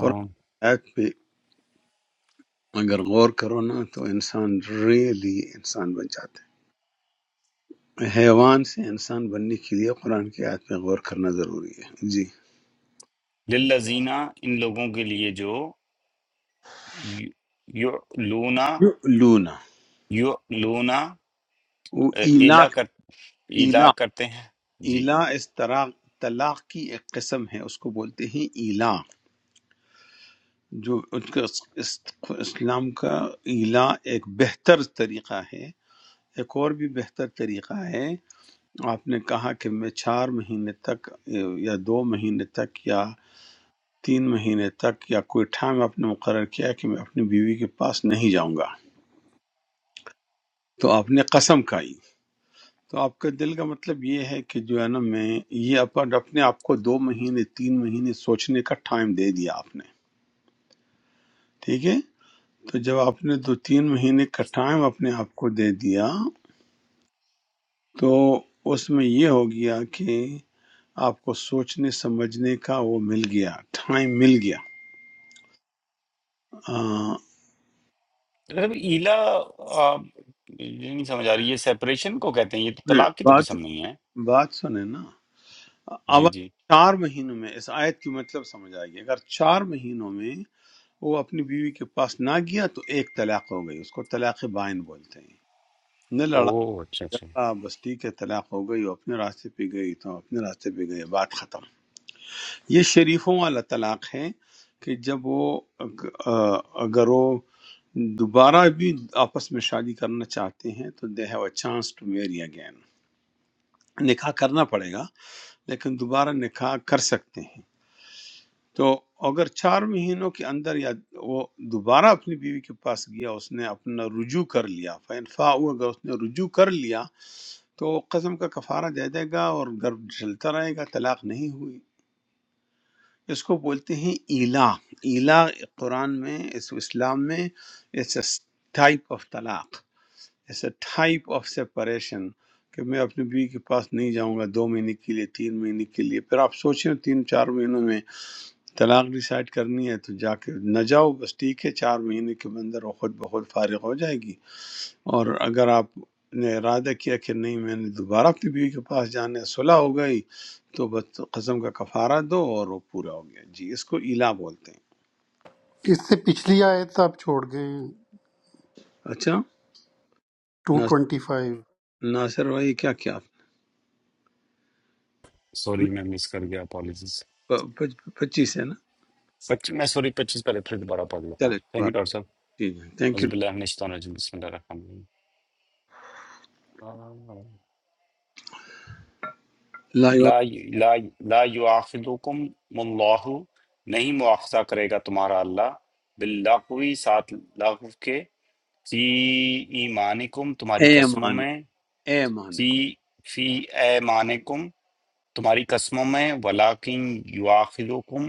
S2: قرآن کی آیت پہ اگر غور کرو نا تو انسان ریلی انسان بن جاتا ہے حیوان سے انسان بننے کے لیے قرآن کی آیت پہ غور کرنا ضروری ہے جی
S1: للذینہ ان لوگوں کے لیے جو یو- یعلونا
S2: لونا
S1: یعلونا
S2: وہ
S1: اے-
S2: ایلا
S1: ایلا کر ایلا
S2: ایلا
S1: کرتے ہیں جی
S2: ایلا اس طرح طلاق کی ایک قسم ہے اس کو بولتے ہیں ایلا جو ان کا اس- اس- اسلام کا ایلا ایک بہتر طریقہ ہے ایک اور بھی بہتر طریقہ ہے آپ نے کہا کہ میں چار مہینے تک یا دو مہینے تک یا تین مہینے تک یا کوئی ٹائم آپ نے مقرر کیا کہ میں اپنی بیوی کے پاس نہیں جاؤں گا تو آپ نے قسم کھائی تو آپ کا دل کا مطلب یہ ہے کہ جو ہے نا میں یہ اپن اپنے آپ کو دو مہینے تین مہینے سوچنے کا ٹائم دے دیا آپ نے ٹھیک ہے تو جب آپ نے دو تین مہینے کا ٹائم اپنے آپ کو دے دیا تو اس میں یہ ہو گیا کہ آپ کو سوچنے سمجھنے کا وہ مل گیا ٹائم مل گیا آ،
S1: مطلب ایلا آ، یہ نہیں سمجھ آ رہی یہ سیپریشن کو کہتے ہیں یہ تو طلاق کی تو
S2: بات
S1: قسم نہیں ہے
S2: بات سنیں نا اب
S1: جی
S2: اگر
S1: جی
S2: چار مہینوں میں اس آیت کی مطلب سمجھ آئے گی اگر چار مہینوں میں وہ اپنی بیوی کے پاس نہ گیا تو ایک طلاق ہو گئی اس کو طلاق بائن بولتے ہیں نہ لڑائی
S1: اوہ اچھا اچھا
S2: جھگڑا بس ٹھیک ہے طلاق ہو گئی وہ اپنے راستے پہ گئی تو اپنے راستے پہ گئے بات ختم یہ شریفوں والا طلاق ہے کہ جب وہ اگ- آ، اگر وہ دوبارہ بھی آپس میں شادی کرنا چاہتے ہیں تو they have a chance to marry again نکاح کرنا پڑے گا لیکن دوبارہ نکاح کر سکتے ہیں تو اگر چار مہینوں کے اندر یا وہ دوبارہ اپنی بیوی کے پاس گیا اس نے اپنا رجوع کر لیا فین فا اگر اس نے رجوع کر لیا تو قسم کا کفارہ دے دے گا اور گھر چلتا رہے گا طلاق نہیں ہوئی اس کو بولتے ہیں ایلا ایلا قرآن میں اس اسلام میں اٹس اے ٹائپ آف طلاق it's a type of separation کہ میں اپنی بیوی کے پاس نہیں جاؤں گا دو مہینے کے لیے تین مہینے کے لیے پھر آپ سوچیں تین چار مہینوں میں طلاق ڈیسائڈ کرنی ہے تو جا کے نہ جاؤ بس ٹھیک ہے چار مہینے کے اندر وہ خود بخود فارغ ہو جائے گی اور اگر آپ نے ارادہ کیا کہ نہیں میں نے دوبارہ اپنی بیوی کے پاس جانا ہے صلح ہو گئی تو بس قسم کا کفارہ دو اور وہ پورا ہو گیا جی اس کو ایلا بولتے ہیں
S5: اس سے پچھلی آیت آپ چھوڑ گئے ہیں،
S2: اچھا
S5: to
S2: Nasir
S5: twenty five
S2: Nasir بھائی کیا کیا آپ نے؟
S1: سوری میں مس کر گیا اپالیجیز
S2: پ- پچ- پچیس ہے نا
S1: پچیس میں سوری پچیس پہلے پھر دوبارہ پڑھ لیتا ہوں
S2: چلے
S1: تھینک یو
S2: بات
S1: ڈاکٹر صاحب
S2: ٹھیک ہے تھینک یو
S1: عزب اللہ من الشیطان الرجیم بسم اللہ الرحمن الرحیم
S2: لا یو
S1: لا لا لا یؤاخذکم اللہ نہیں مؤاخذہ کرے گا تمہارا اللہ باللغوی ساتھ لغو کے فی ایمانکم تمہاری
S2: اے
S1: قسموں
S2: امان
S1: میں
S2: اے امان
S1: فی فی ایمانکم تمہاری قسموں میں ولیکن یواخذکم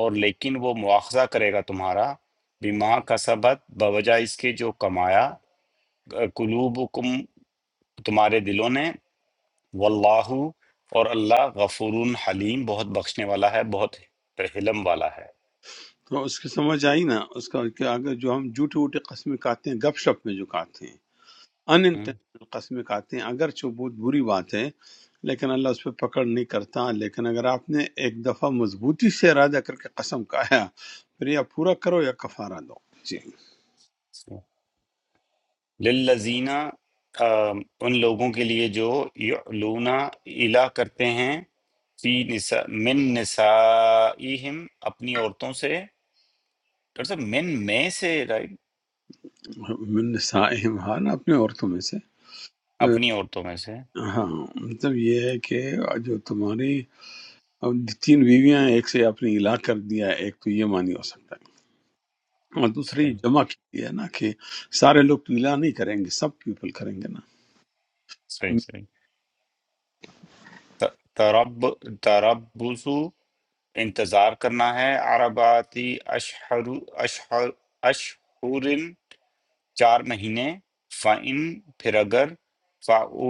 S1: اور لیکن وہ مواخذہ کرے گا تمہارا بما کسبت بوجہ اس کے جو کمایا قلوبکم تمہارے دلوں نے واللہ اور اللہ غفور حلیم بہت بخشنے والا ہے بہت حلم والا ہے
S2: تو اس کی سمجھ آئی نا اس کا کہ اگر جو ہم جھوٹے ووٹے قسمیں کھاتے ہیں گپ شپ میں جو کھاتے ہیں ان
S1: ہم۔
S2: انٹینشنل قسمیں کھاتے ہیں اگرچہ وہ بہت بری بات ہے لیکن اللہ اس پہ پکڑ نہیں کرتا لیکن اگر آپ نے ایک دفعہ مضبوطی سے ارادہ کر کے قسم کھایا پھر یا پورا کرو یا کفارہ دو جی
S1: للذین آم، ان لوگوں کے لیے جو یعلون الا کرتے ہیں فی نسا من نسائہم اپنی عورتوں سے ڈاکٹر صاحب من میں سے رائٹ
S2: من نسائہم ہاں نا اپنے عورتوں میں سے
S1: اپنی عورتوں میں سے
S2: ہاں مطلب یہ ہے کہ جو تمہاری اب تین بیویاں ہیں، ایک سے آپ نے الا کر دیا ہے، ایک تو یہ معنی ہو سکتا ہے اور
S1: صحیح
S2: دوسری جمع کی ہے نا کہ سارے لوگ تو الا نہیں کریں گے سب پیپل کریں گے نا
S1: صحیح صحیح ت- ترب تربصو انتظار کرنا ہے عرباتی اشہر اشہر اشہر چار مہینے فَإِن پھر اگر فَأُو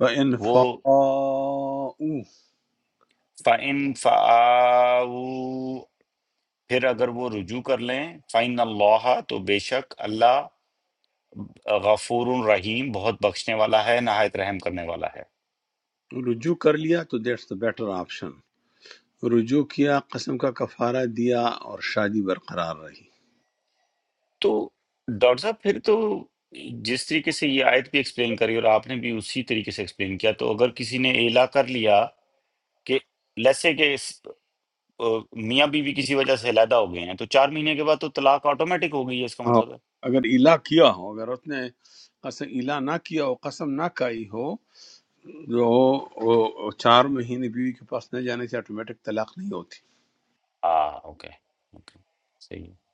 S2: وَإِنْ
S1: وہ
S2: فَاءُوا
S1: فَإِن فَآوُوا پھر اگر وہ رجوع کر لیں فَإِنَّ اللَّهَ تو بے شک اللہ غفور رحیم بہت بخشنے والا ہے نہایت رحم کرنے والا ہے
S2: رجوع کر لیا تو دیٹس دا بیٹر آپشن رجوع کیا قسم کا کفارہ دیا اور شادی برقرار رہی
S1: تو ڈاکٹر صاحب پھر تو جس طریقے سے یہ آیت بھی ایکسپلین کری اور آپ نے بھی اسی طریقے سے ایکسپلین کیا تو اگر کسی نے ایلا کر لیا کہ لیسے کہ اس- آ، میاں بیوی کسی وجہ سے علیحدہ ہو گئے ہیں تو چار مہینے کے بعد تو طلاق آٹومیٹک ہو گئی ہے اس کا
S2: ہاں
S1: مطلب ہے
S2: اگر الا کیا ہو اگر اس نے قسم الا نہ کیا ہو قسم نہ کھائی ہو جو وہ چار مہینے بیوی کے پاس نہ جانے سے آٹومیٹک طلاق نہیں ہوتی
S1: ہاں اوکے اوکے صحیح ہے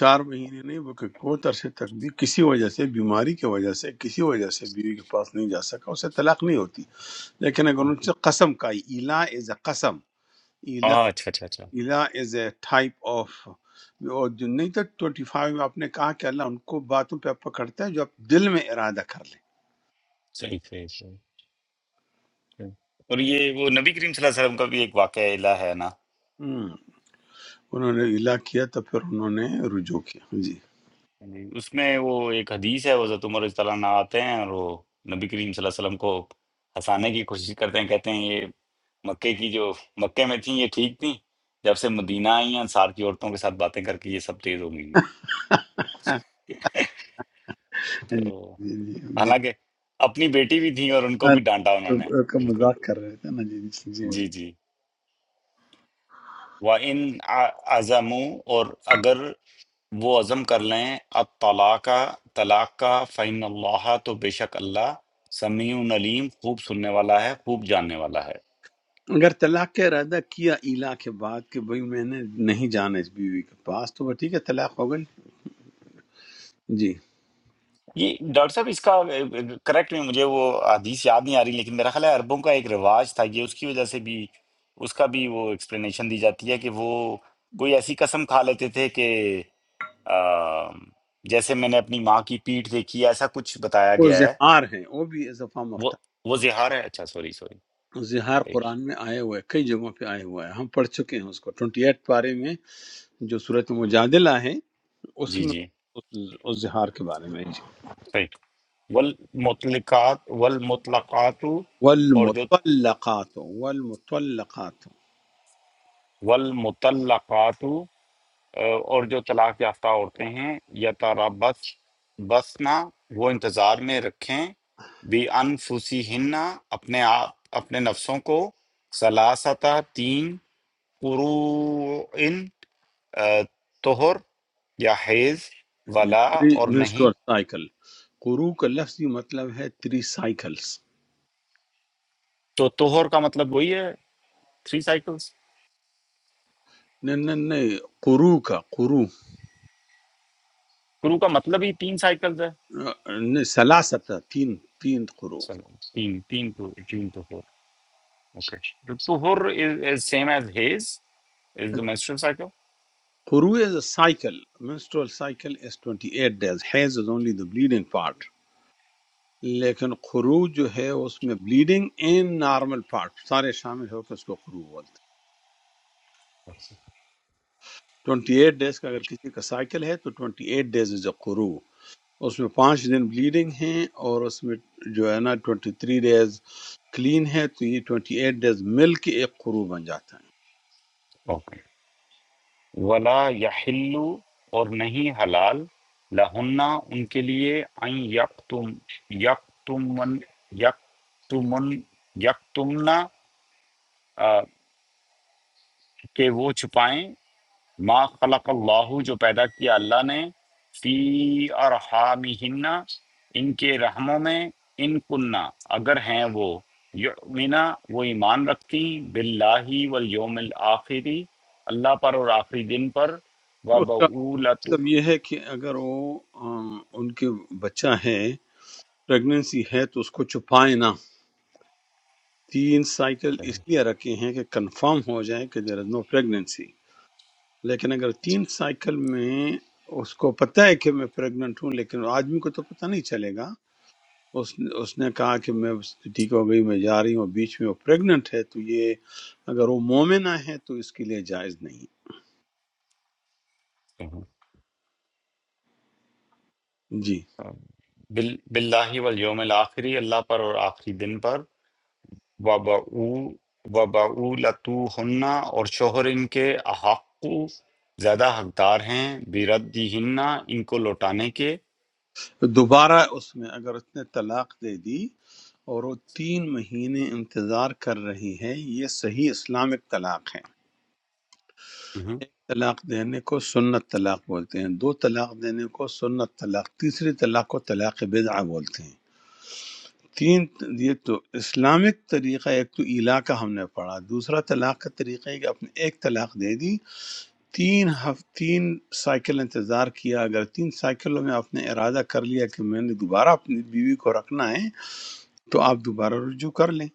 S2: چار مہینے نہیں بلکہ بہت عرصے تک بھی کسی وجہ سے بیماری کی وجہ سے کسی وجہ سے بیوی کے پاس نہیں جا سکا اسے طلاق نہیں ہوتی لیکن اگر ان سے قسم کھائی الا از اے قسم
S1: ہاں اچھا اچھا اچھا
S2: الا از اے ٹائپ آف اور جو نہیں تھا ٹوئنٹی فائیو آپ نے کہا کہ اللہ ان کو باتوں پہ پکڑتا ہے جو آپ دل میں ارادہ کر لیں
S1: صحیح صحیح صحیح صحیح۔ اور یہ وہ نبی کریم صلی اللہ علیہ وسلم کا بھی ایک واقعہ الہ ہے نا
S2: ہم، انہوں نے الا کیا تو پھر انہوں نے رجوع کیا جی
S1: یعنی اس میں وہ ایک حدیث ہے وہ حضرت عمر رضی اللہ عنہ آتے ہیں اور وہ نبی کریم صلی اللہ علیہ وسلم کو ہنسانے کی کوشش کرتے ہیں کہتے ہیں یہ مکے کی جو مکے میں تھیں یہ ٹھیک تھیں جب سے مدینہ آئی ہیں انصار کی عورتوں کے ساتھ باتیں کر کے یہ سب تیز ہو گئی ہیں۔
S2: جی
S1: تو
S2: جی جی
S1: حالانکہ اپنی بیٹی بھی تھیں اور ان کو
S2: ہاں،
S1: بھی ڈانٹا انہوں
S2: تو-
S1: نے
S2: کا
S1: بالکل
S2: مذاق کر رہے تھے نا جی جی جی
S1: جی جی وہ ان عزموں اور اگر وہ عزم کر لیں الطلاق طلاق کا فعن اللہ تو بے شک اللہ سمیع علیم خوب سننے والا ہے خوب جاننے والا ہے
S2: اگر طلاق کا ارادہ کیا الا کے بعد کہ بھئی میں نے نہیں جانا اس بیوی کے پاس تو وہ ٹھیک ہے طلاق ہو گئی جی
S1: یہ ڈاکٹر صاحب اس کا کریکٹ میں مجھے وہ حدیث یاد نہیں آ رہی لیکن میرا خیال ہے عربوں کا ایک رواج تھا یہ اس کی وجہ سے بھی اس کا بھی وہ ایکسپلینیشن دی جاتی ہے کہ وہ کوئی ایسی قسم کھا لیتے تھے کہ آ، جیسے میں نے اپنی ماں کی پیٹھ دیکھی ہے، ایسا کچھ بتایا
S2: وہ
S1: گیا ہے
S2: زہار ہے وہ بھی از
S1: وہ
S2: اے
S1: وہ زہار ہے اچھا سوری سوری
S2: زہار قرآن میں آئے ہوئے کئی جگہوں پہ آئے ہوا ہے ہم پڑھ چکے ہیں اس کو ٹوئنٹی ایٹ پارے میں جو صورت مجادلہ ہے اس
S1: جی
S2: میں
S1: جی
S2: اس اس زہار کے بارے میں جی
S1: صحیح والمطلقات والمطلقات اور جو
S2: والمطلقات والمطلقات
S1: والمطلقات آ، اور جو طلاق یافتہ عورتیں ہیں یتربص بسنا وہ انتظار میں رکھیں بی انفسہن اپنے آپ اپنے نفسوں کو سلاستا تین قروءن آ، طہر یا حیض ولا
S2: تھری
S1: اور نہیں
S2: منسٹر سائیکل قرو کا لفظی مطلب ہے تھری سائیکلس
S1: تو طہر کا مطلب وہی ہے تھری سائیکلز
S2: نہیں نہیں نہیں قرو کا قرو
S1: قروء کا مطلب ہی تین سائیکلز ہے
S2: نہیں، سلاستا تین تین قرو
S1: سلام تین تین to تین to four okay The to four is, is same as his is the menstrual cycle
S2: قرو is a cycle menstrual cycle is 28 days حیض is only the bleeding part لیکن خروج جو ہے اس میں بلیڈنگ ان نارمل پارٹ سارے شامل ہو کے اس کو خروج بولتے ہیں ٹوئنٹی ایٹ ڈیز کا اگر کسی کا سائیکل ہے تو twenty eight days is a خروج اس میں پانچ دن بلیڈنگ ہیں اور اس میں جو ہے نا ٹوئنٹی تھری ڈیز کلین ہے تو یہ ٹوئنٹی ایٹ ڈیز مل کے ایک خروج بن جاتا
S1: okay ولا يحل اور نہیں حلال لہن ان کے لیے ان یقتم یقتمن یقتمن یقتمنا آ، کہ وہ چھپائیں ما خلق اللہ جو پیدا کیا اللہ نے فی ارحامہن ان کے رحموں میں ان کننا اگر ہیں وہ یؤمنا وہ ایمان رکھتی باللہ والیوم الآخری اللہ پر اور آخری دن پر و
S2: ہے اس کا
S1: بولت
S2: مطلب یہ ہے کہ اگر وہ آ، ان کے بچہ ہے پریگننسی ہے تو اس کو چھپائے نہ تین سائیکل اس لیے رکھے ہیں کہ کنفرم ہو جائے کہ دیر از نو پریگننسی لیکن اگر تین سائیکل میں اس کو پتہ ہے کہ میں پریگننٹ ہوں لیکن آدمی کو تو پتہ نہیں چلے گا اس اس نے کہا کہ میں بس ٹھیک ہو گئی میں جا رہی ہوں بیچ میں وہ پریگننٹ ہے تو یہ اگر وہ مومنہ ہے تو اس کے لیے جائز نہیں جی
S1: باللہ والیوم الآخری اللہ پر اور آخری دن پر وبعو وبعولتو ہن اور شوہر ان کے احق زیادہ حقدار ہیں بیردی ان کو لوٹانے کے
S2: دوبارہ اس میں اگر اس نے طلاق دے دی اور وہ تین مہینے انتظار کر رہی ہے یہ صحیح اسلامک طلاق ہے
S1: ہوں۔
S2: ایک طلاق دینے کو سنت طلاق بولتے ہیں دو طلاق دینے کو سنت طلاق تیسری طلاق کو طلاق بدعہ بولتے ہیں تین یہ تو اسلامک طریقہ ایک تو ایلا کا ہم نے پڑھا دوسرا طلاق کا طریقہ ہے کہ اپنے ایک طلاق دے دی تین ہف تین سائیکل انتظار کیا اگر تین سائیکلوں میں آپ نے ارادہ کر لیا کہ میں نے دوبارہ اپنی بیوی کو رکھنا ہے تو آپ دوبارہ رجوع کر لیں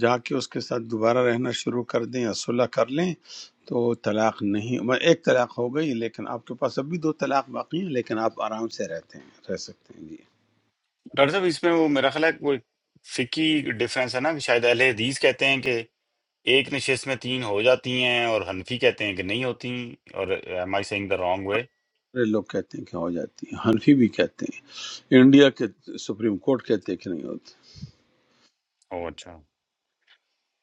S2: جا کے اس کے ساتھ دوبارہ رہنا شروع کر دیں یا صلح کر لیں تو طلاق نہیں میں ایک طلاق ہو گئی لیکن آپ کے پاس اب بھی دو طلاق باقی ہیں لیکن آپ آرام سے رہتے ہیں رہ سکتے ہیں جی
S1: ڈاکٹر صاحب اس میں وہ میرا خیال ہے کوئی فقی ڈیفرنس ہے نا کہ شاید اہل حدیث کہتے ہیں کہ ایک نشست میں تین ہو جاتی ہیں اور حنفی کہتے ہیں کہ نہیں ہوتی اور am I saying the wrong way؟
S2: سارے لوگ کہتے ہیں کہ ہو جاتی ہے حنفی بھی کہتے ہیں انڈیا کے سپریم کورٹ کہتے ہیں کہ نہیں ہوتی
S1: اوہ اچھا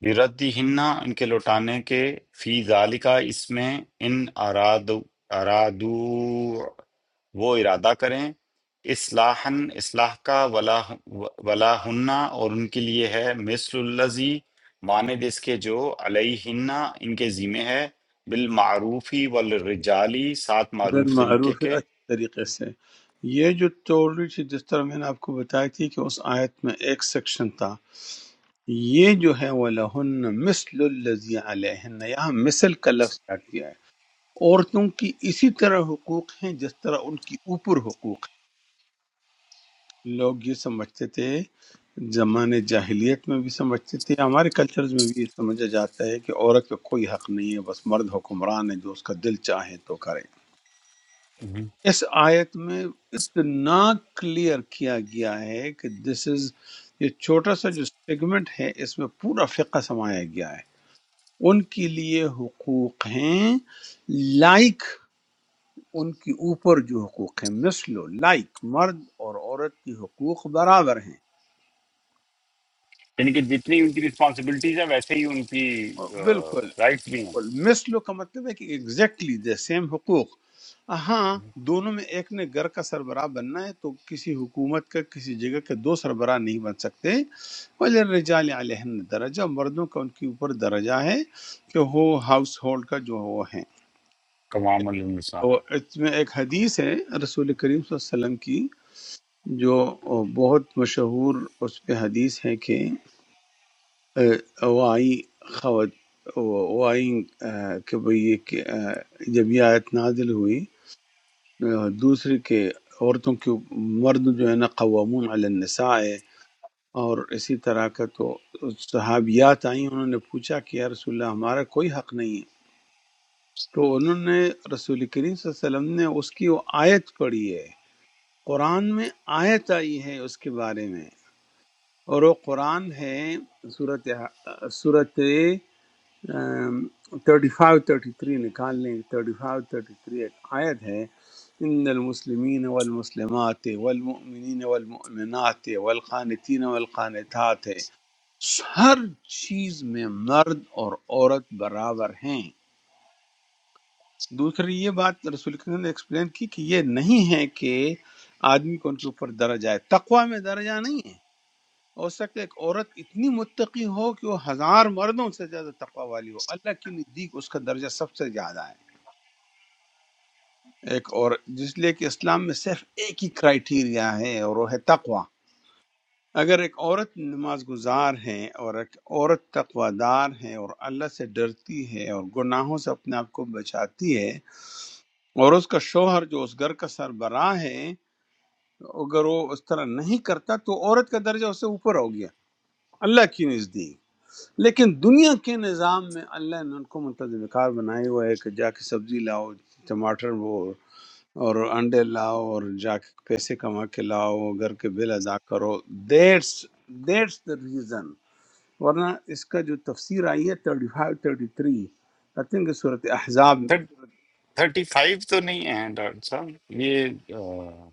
S1: بِرَدِّهِنَّ ان کے لوٹانے کے فی ذالکا اس میں ان ارادو ارادو وہ ارادہ کریں اصلاحا اصلاح کا ولا ولا ہنہ اور ان کے لیے ہے مثل الذی مانند اس کے جو علیہن ان کے ذمہ ہے بالمعروفی والرجالی سات معروف طریقے
S2: بالمعروف ہے،
S1: کے
S2: اچھے طریقے سے یہ جو ٹوری تھی جس طرح میں نے آپ کو بتائی تھی کہ اس آیت میں ایک سیکشن تھا یہ جو ہے وَلَهُنَّ مِثْلُ الَّذِي عَلَيْهِنَّ یہاں مثل کا لفظ ایڈ کیا ہے عورتوں کی اسی طرح حقوق ہیں جس طرح ان کی اوپر حقوق ہیں لوگ یہ سمجھتے تھے زمانے جاہلیت میں بھی سمجھتے تھے ہمارے کلچرز میں بھی یہ سمجھا جاتا ہے کہ عورت کا کوئی حق نہیں ہے بس مرد حکمران ہے جو اس کا دل چاہے تو کرے
S1: مہم۔
S2: اس آیت میں اتنا کلیئر کیا گیا ہے کہ دس از یہ چھوٹا سا جو سیگمنٹ ہے اس میں پورا فقہ سمایا گیا ہے ان کے لیے حقوق ہیں لائک ان کے اوپر جو حقوق ہیں مثلو لائک مرد اور عورت کے حقوق برابر ہیں
S1: یعنی کہ جتنی ان کی رسپانسبلٹیز ہیں ویسے ہی ان کی
S2: بالکل
S1: رائٹس بھی ہیں
S2: بالکل مثلو کا مطلب ہے کہ ایگزیکٹلی دے سیم حقوق ہاں دونوں میں ایک نے گھر کا سربراہ بننا ہے تو کسی حکومت کا کسی جگہ کے دو سربراہ نہیں بن سکتے رجال علیہن درجہ مردوں کا ان کے اوپر درجہ ہے کہ وہ ہاؤس ہولڈ کا جو وہ ہیں
S1: کمام
S2: اور
S1: النساء
S2: اس میں ایک حدیث ہے رسول کریم صلی اللہ علیہ وسلم کی جو بہت مشہور اس پہ حدیث ہے کہ وہ آئیں خوات وہ آئیں کہ بھئی یہ کہ جب یہ آیت نازل ہوئی دوسری کہ عورتوں کے مرد جو ہے نا قوامون علی النساء ہے اور اسی طرح کا تو صحابیات آئیں انہوں نے پوچھا کہ یا رسول اللہ ہمارا کوئی حق نہیں ہے تو انہوں نے رسول کریم صلی اللہ علیہ وسلم نے اس کی وہ آیت پڑھی ہے قرآن میں آیت آئی ہے اس کے بارے میں اور وہ قرآن ہے صورت صورت تھرٹی فائیو تھرٹی تھری نکال لیں تھرٹی فائیو تھرٹی تھری ایک آیت ہے ان المسلمین والمسلمات والمؤمنین والمؤمنات والقانتین والقانتات ہر چیز میں مرد اور عورت برابر ہیں دوسری یہ بات رسول کریم نے ایکسپلین کی کہ یہ نہیں ہے کہ آدمی کو ان کے اوپر درجہ ہے تقوی میں درجہ نہیں ہے ہو سکتا ہے ایک عورت اتنی متقی ہو کہ وہ ہزار مردوں سے زیادہ تقوی والی ہو اللہ کے نزدیک اس کا درجہ سب سے زیادہ ہے ایک اور جس لیے کہ اسلام میں صرف ایک ہی کرائیٹیریا ہے اور وہ ہے تقوی اگر ایک عورت نماز گزار ہے اور ایک عورت تقوی دار ہے اور اللہ سے ڈرتی ہے اور گناہوں سے اپنے آپ کو بچاتی ہے اور اس کا شوہر جو اس گھر کا سربراہ ہے اگر وہ اس طرح نہیں کرتا تو عورت کا درجہ اس سے اوپر ہو گیا اللہ کی نزدیک لیکن دنیا کے نظام میں اللہ نے ان کو منتظم کار بنائی ہوا ہے کہ جا کے سبزی لاؤ ٹماٹر وہ اور انڈے لاؤ اور جا کے پیسے کما کے لاؤ گھر کے بل ادا کرو دیٹس دیٹس دا ریزن ورنہ اس کا جو تفسیر آئی ہے thirty five thirty three I think صورت احزاب
S1: تھرٹی فائیو تو نہیں ہے ڈاکٹر صاحب یہ آہ،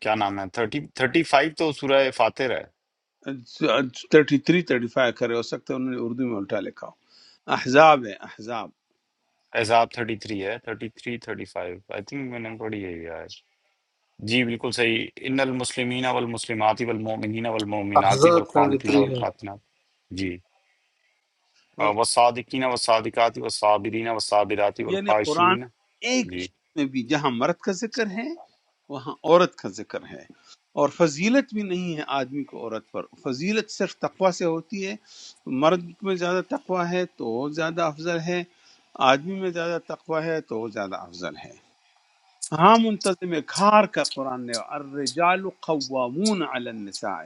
S1: کیا نام ہے تھرٹی تھرٹی فائیو تو سورہ فاتر ہے
S2: تھرٹی تھری تھرٹی فائیو کرے ہو سکتا ہے انہوں نے اردو میں الٹا لکھا ہو احزاب ہے احزاب
S1: احزاب تھرٹی تھری ہے thirty three thirty five I think میں نے پڑھی ہے یہ آج جی بالکل صحیح ان المسلمین والمسلمات والمؤمنین والمؤمنات
S6: احزاب
S1: والقانتین
S6: 33 ہے
S1: والقاتنات جی آ،
S2: وال-
S1: والصادقین والصادقات والصابرین والصابرات
S2: یعنی قرآن
S1: والخاشعین
S2: ایک
S1: جی
S2: چیز میں بھی جہاں مرد کا ذکر ہے وہاں عورت کا ذکر ہے اور فضیلت بھی نہیں ہے آدمی کو عورت پر فضیلت صرف تقوی سے ہوتی ہے مرد میں زیادہ تقوی ہے تو وہ زیادہ افضل ہے آدمی میں زیادہ تقوی ہے تو وہ زیادہ افضل ہے ہاں منتظم کھار کا قرآن نے الرجال قوامون علی النساء